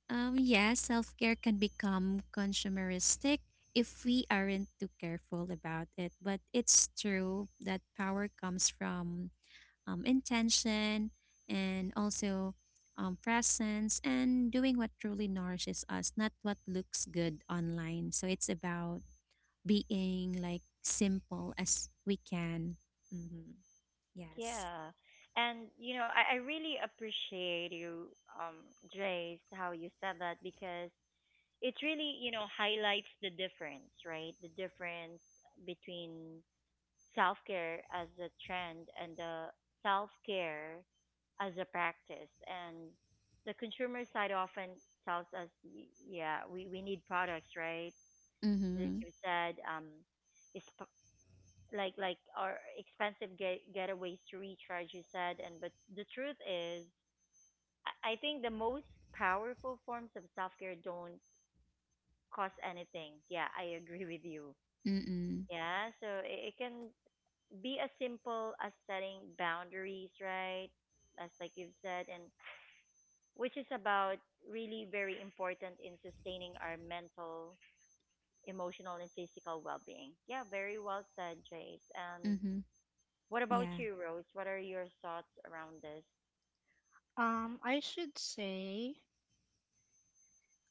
[SPEAKER 2] yes, self care can become consumeristic if we aren't too careful about it. But it's true that power comes from intention, and also presence, and doing what truly nourishes us, not what looks good online. So it's about being like simple as we can. Mm-hmm. Yes.
[SPEAKER 1] Yeah. And you know, I really appreciate you, um, Jace, how you said that, because it really, you know, highlights the difference, right? The difference between self care as a trend and the self care as a practice. And the consumer side often tells us, yeah, we need products, right? Like
[SPEAKER 2] Mm-hmm.
[SPEAKER 1] you said, is. Like our expensive getaways to recharge, you said, and but the truth is, I think the most powerful forms of self-care don't cost anything. Yeah, I agree with you.
[SPEAKER 2] Mm-mm.
[SPEAKER 1] Yeah, so it can be as simple as setting boundaries, right, as like you've said, and which is about really very important in sustaining our mental, emotional and physical well-being. Yeah, very well said, Jace. And
[SPEAKER 2] Mhm.
[SPEAKER 1] what about
[SPEAKER 2] Yeah.
[SPEAKER 1] you, Rose? What are your thoughts around this
[SPEAKER 3] I should say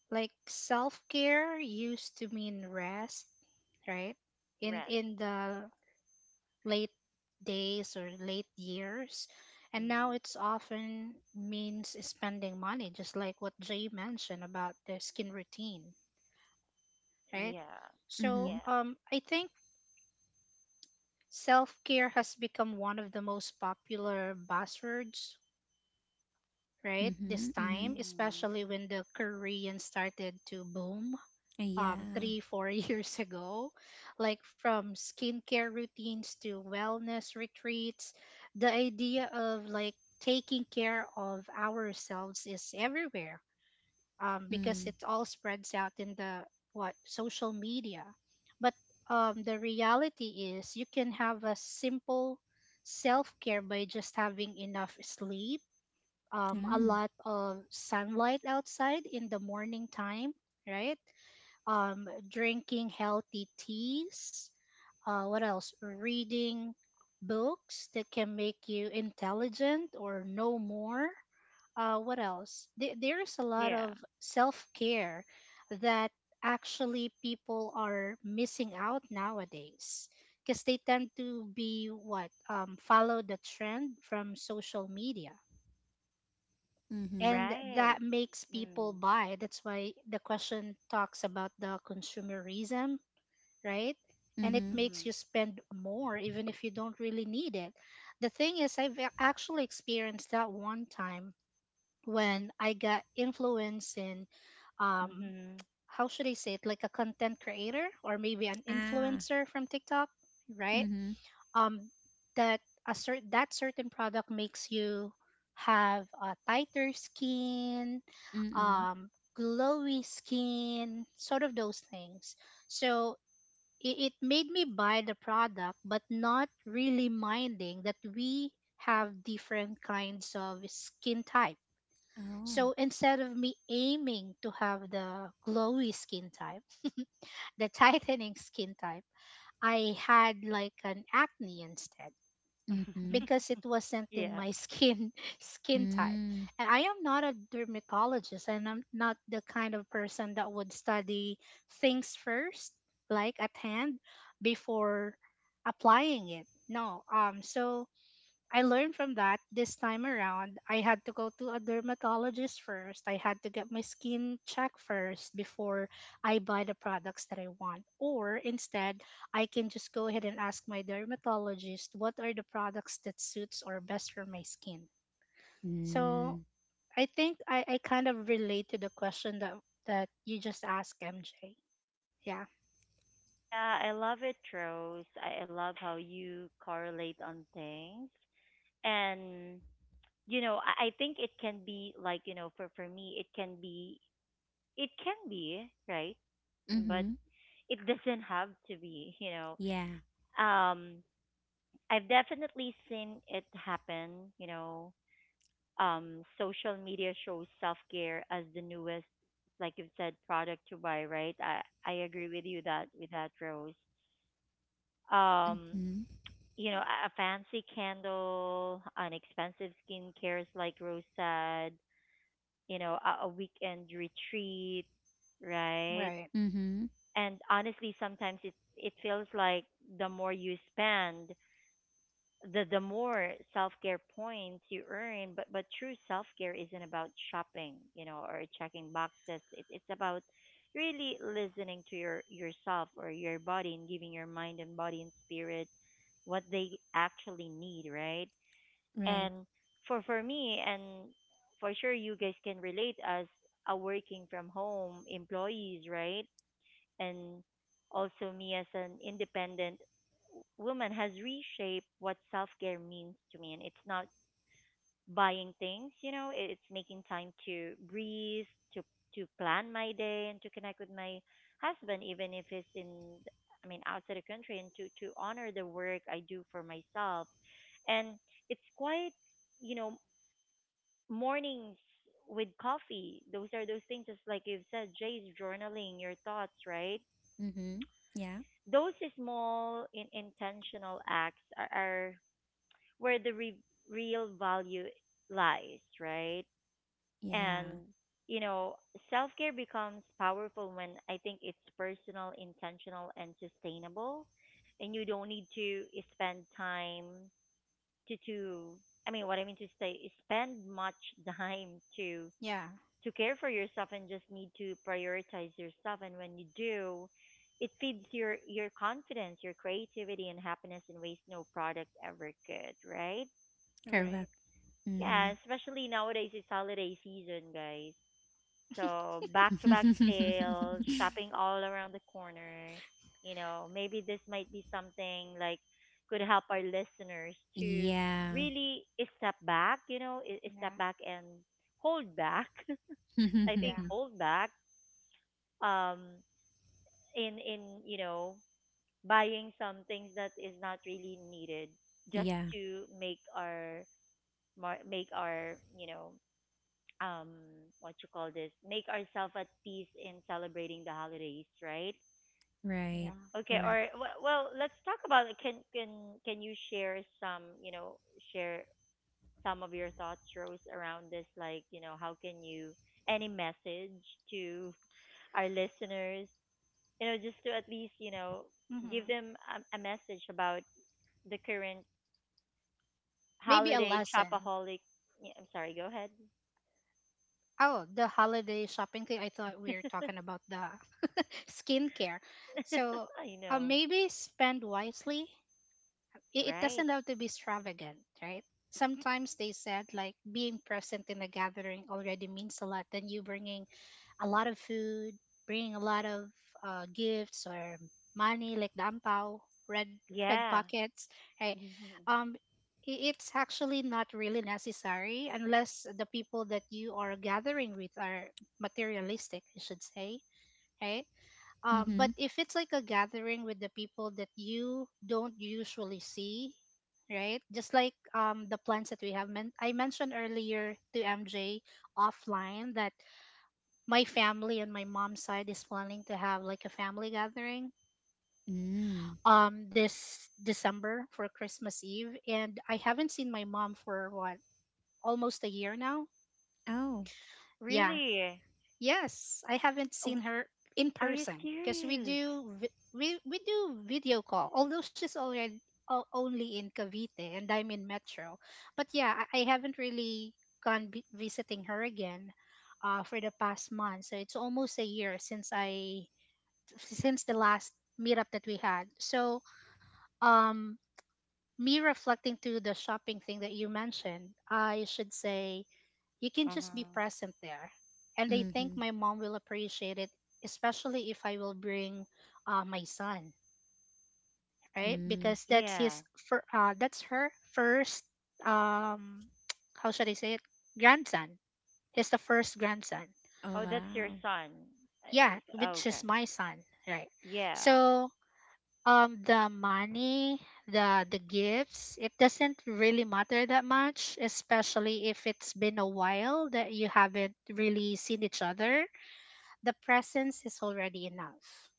[SPEAKER 3] like self care used to mean rest, right? In
[SPEAKER 1] rest?
[SPEAKER 3] the late days or late years. And now
[SPEAKER 1] Mm.
[SPEAKER 3] it's often means spending money, just like what Jay mentioned about the skin routine, right?
[SPEAKER 1] Yeah.
[SPEAKER 3] So
[SPEAKER 2] Mhm.
[SPEAKER 1] Yeah.
[SPEAKER 3] I think self care has become one of the most popular buzzwords, right? This
[SPEAKER 2] Mhm.
[SPEAKER 3] time,
[SPEAKER 2] Mhm.
[SPEAKER 1] Mm.
[SPEAKER 3] especially when the Korean started to boom
[SPEAKER 2] Yeah.
[SPEAKER 3] three, four years ago, like from skincare routines to wellness retreats. The idea of like taking care of ourselves is everywhere because
[SPEAKER 2] Mm.
[SPEAKER 3] it all spreads out in the what social media. But the reality is, you can have a simple self care by just having enough sleep, a
[SPEAKER 2] Mm.
[SPEAKER 3] lot of sunlight outside in the morning time, right? Drinking healthy teas. What else? Reading books that can make you intelligent or know more. What else? There's a lot
[SPEAKER 1] Yeah.
[SPEAKER 3] of self care that actually people are missing out nowadays because they tend to be what follow the trend from social media,
[SPEAKER 2] Mhm.
[SPEAKER 3] and
[SPEAKER 1] Right.
[SPEAKER 3] that makes people
[SPEAKER 1] Mm.
[SPEAKER 3] buy, that's why the question talks about the consumerism, right? And it
[SPEAKER 2] Mhm.
[SPEAKER 3] makes you
[SPEAKER 1] Mhm.
[SPEAKER 3] spend more even if you don't really need it. The thing is, I've actually experienced that one time when I got influence in, um,
[SPEAKER 1] Mhm.
[SPEAKER 3] how should I say it, like a content creator or maybe an
[SPEAKER 2] Ah.
[SPEAKER 3] influencer from TikTok, right?
[SPEAKER 2] Mhm.
[SPEAKER 3] Um, that a certain that certain product makes you have a tighter skin,
[SPEAKER 2] Mm.
[SPEAKER 3] um, glowy skin, sort of those things. So it made me buy the product but not really minding that we have different kinds of skin type,
[SPEAKER 2] Oh.
[SPEAKER 3] so instead of me aiming to have the glowy skin type, the tightening skin type, I had like an acne instead
[SPEAKER 2] Mhm.
[SPEAKER 3] because it wasn't in
[SPEAKER 1] Yeah.
[SPEAKER 3] my skin skin type.
[SPEAKER 2] Mm.
[SPEAKER 3] And I am not a dermatologist and I'm not the kind of person that would study things first, like at hand, before applying it. No. So I learned from that this time around. I had to go to a dermatologist first. I had to get my skin checked first before I buy the products that I want. Or instead, I can just go ahead and ask my dermatologist what are the products that suits or best for my skin. So
[SPEAKER 2] Mm.
[SPEAKER 3] I think I kind of relate to the question that you just asked, MJ. Yeah.
[SPEAKER 1] Yeah, I love it, Rose. I love how you correlate on things. And, you know, I think it can be like, you know, for me, it can be, right? But
[SPEAKER 2] Mhm.
[SPEAKER 1] it doesn't have to be, you know.
[SPEAKER 2] Yeah.
[SPEAKER 1] Um, I've definitely seen it happen. You know, social media shows self care as the newest, like you've said, product to buy. Right? I agree with you that with that, Rose. Um,
[SPEAKER 2] Mhm.
[SPEAKER 1] you know, a fancy candle, an expensive skincare, like Rose said. You know, a weekend retreat, right?
[SPEAKER 3] Right.
[SPEAKER 2] Mhm.
[SPEAKER 1] And honestly, sometimes it feels like the more you spend, the more self care points you earn, but true self care isn't about shopping, you know, or checking boxes. It's about really listening to yourself or your body, and giving your mind and body and spirit what they actually need, right?
[SPEAKER 2] Right.
[SPEAKER 1] And for me, and for sure you guys can relate as a working from home employees, right? And also me as an independent woman, has reshaped what self-care means to me, and it's not buying things, you know. It's making time to breathe, to to plan my day, and to connect with my husband, even if it's in, I mean, outside the country, and to honor the work I do for myself. And it's quite, you know, mornings with coffee, those are those things, just like you've said, Jay's, journaling your thoughts, right?
[SPEAKER 2] Mhm. Yeah.
[SPEAKER 1] Those small in intentional acts are where the real value lies, right? And
[SPEAKER 2] Yeah.
[SPEAKER 1] you know, self-care becomes powerful when I think it's personal, intentional and sustainable, and you don't need to spend time to, I mean what I mean to say, spend much time to
[SPEAKER 3] Yeah.
[SPEAKER 1] to care for yourself, and just need to prioritize yourself, and when you do, it feeds your confidence, your creativity and happiness in ways no product ever could, right?
[SPEAKER 3] Right.
[SPEAKER 2] Correct.
[SPEAKER 1] Yeah,
[SPEAKER 2] Mhm.
[SPEAKER 1] especially nowadays it's holiday season, guys, so back to back sales, shopping all around the corner. You know, maybe this might be something like could help our listeners to
[SPEAKER 2] Yeah.
[SPEAKER 1] really step back, you know, step
[SPEAKER 3] Yeah.
[SPEAKER 1] back and hold back. I think
[SPEAKER 3] Yeah.
[SPEAKER 1] hold back um in you know, buying some things that is not really needed, just
[SPEAKER 2] Yeah.
[SPEAKER 1] to make our make our, you know, um, what you call this, make ourselves at peace in celebrating the holidays, right?
[SPEAKER 2] Right.
[SPEAKER 3] Yeah.
[SPEAKER 1] Okay,
[SPEAKER 2] Correct.
[SPEAKER 1] or well, let's talk about it. Can you share some, you know, share some of your thoughts, Rose, around this, like, you know, how can you, any message to our listeners, you know, just to at least, you know, give
[SPEAKER 3] Hmm.
[SPEAKER 1] them a message about the current
[SPEAKER 3] Maybe a
[SPEAKER 1] holiday
[SPEAKER 3] lesson.
[SPEAKER 1] shopaholic. Yeah, I'm sorry, go ahead.
[SPEAKER 3] Oh, the holiday shopping thing. I thought we were talking about the skincare. So
[SPEAKER 1] I know,
[SPEAKER 3] maybe spend wisely. It
[SPEAKER 1] right?
[SPEAKER 3] doesn't have to be extravagant, right? Sometimes they said like being present in a gathering already means a lot, than you bringing a lot of food, bringing a lot of gifts or money like the ampao, red red
[SPEAKER 1] Yeah.
[SPEAKER 3] pockets, right?
[SPEAKER 1] Mhm.
[SPEAKER 3] Um, it's actually not really necessary unless the people that you are gathering with are materialistic, I should say, right? But
[SPEAKER 2] Mhm.
[SPEAKER 3] if it's like a gathering with the people that you don't usually see, right? Just like the plans that we have, I mentioned earlier to MJ offline that my family on my mom's side is planning to have like a family gathering
[SPEAKER 2] Mm.
[SPEAKER 3] this December for Christmas Eve, and I haven't seen my mom for what, almost a year now.
[SPEAKER 2] Oh.
[SPEAKER 3] Yeah.
[SPEAKER 1] Really?
[SPEAKER 3] Yes, I haven't seen
[SPEAKER 1] Oh.
[SPEAKER 3] her in
[SPEAKER 1] Are you
[SPEAKER 3] person because we
[SPEAKER 1] serious?
[SPEAKER 3] do we do video call. Although she's already only in Cavite and I'm in Metro. But yeah, I haven't really gone visiting her again for the past month. So it's almost a year since I since the last meetup that we had. So, um, me reflecting to the shopping thing that you mentioned, I should say you can just be
[SPEAKER 1] Mm-hmm.
[SPEAKER 3] present there. And I think
[SPEAKER 2] Mhm.
[SPEAKER 3] my mom will appreciate it, especially if I will bring my son, right?
[SPEAKER 2] Mm.
[SPEAKER 3] Because that's his
[SPEAKER 1] Yeah.
[SPEAKER 3] for that's her first um how should I say it? Grandson. He's the first grandson.
[SPEAKER 2] Oh,
[SPEAKER 1] Oh, that's your
[SPEAKER 2] wow.
[SPEAKER 1] son. Uh,
[SPEAKER 3] Yeah,
[SPEAKER 1] is- Oh,
[SPEAKER 3] which
[SPEAKER 1] okay.
[SPEAKER 3] is my son, right?
[SPEAKER 1] Yeah.
[SPEAKER 3] So the money, the gifts, it doesn't really matter that much, especially if it's been a while that you haven't really seen each other. The presence is already enough.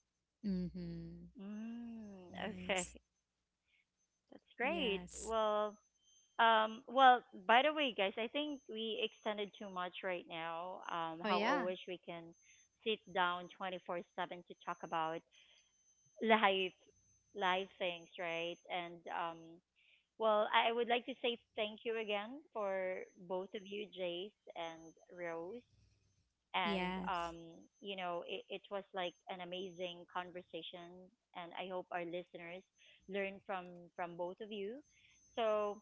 [SPEAKER 2] Mhm.
[SPEAKER 1] Mm, okay.
[SPEAKER 2] Nice.
[SPEAKER 1] That's great.
[SPEAKER 2] Yes.
[SPEAKER 1] Well, well, by the way, guys, I think we extended too much right now.
[SPEAKER 3] Oh
[SPEAKER 1] How I
[SPEAKER 3] yeah.
[SPEAKER 1] wish we can sit down 24/7 to talk about life, life things, right? And well, I would like to say thank you again for both of you, Jace and Rose. And
[SPEAKER 2] Yes.
[SPEAKER 1] you know, it was like an amazing conversation, and I hope our listeners learn from both of you. So,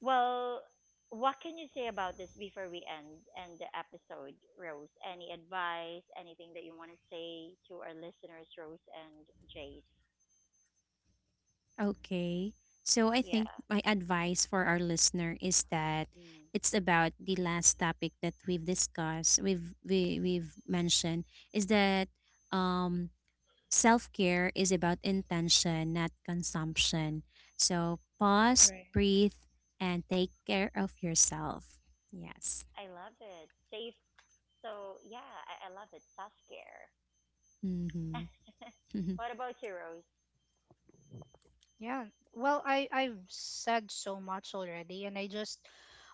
[SPEAKER 1] well, what can you say about this before we end the episode, Rose? Any advice, anything that you want to say to our listeners, Rose and Jace?
[SPEAKER 2] Okay. So I
[SPEAKER 1] Yeah.
[SPEAKER 2] think my advice for our listener is that
[SPEAKER 1] Mm.
[SPEAKER 2] it's about the last topic that we've discussed, we've mentioned, is that um self-care is about intention, not consumption. So pause,
[SPEAKER 3] Right.
[SPEAKER 2] breathe, and take care of yourself. Yes.
[SPEAKER 1] I love it. Safe. So, yeah, I love it. Self-care.
[SPEAKER 2] Mhm.
[SPEAKER 1] What about you, Rose?
[SPEAKER 3] Yeah. Well, I I've said so much already, and I just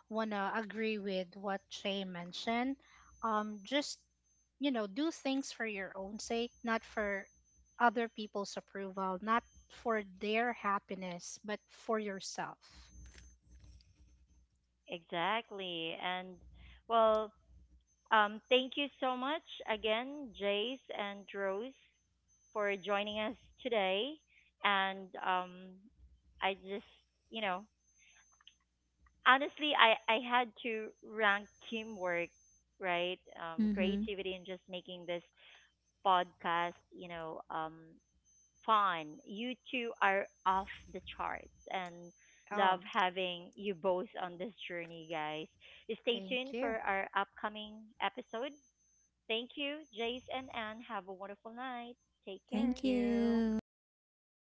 [SPEAKER 3] wanna agree with what Shay mentioned. Just you know, do things for your own sake, not for other people's approval, not for their happiness, but for yourself.
[SPEAKER 1] Exactly. And well, thank you so much again, Jace and Rose, for joining us today. And I just, you know, honestly, I had to rank teamwork, right?
[SPEAKER 2] Mhm.
[SPEAKER 1] Creativity and just making this podcast, you know, fun. You two are off the charts, and
[SPEAKER 3] Oh,
[SPEAKER 1] love having you both on this journey, guys. Stay
[SPEAKER 3] thank
[SPEAKER 1] tuned
[SPEAKER 3] you.
[SPEAKER 1] for our upcoming episode. Thank you, Jace and Anne. Have a wonderful night. Take care.
[SPEAKER 2] Thank
[SPEAKER 3] Thank you.
[SPEAKER 2] you.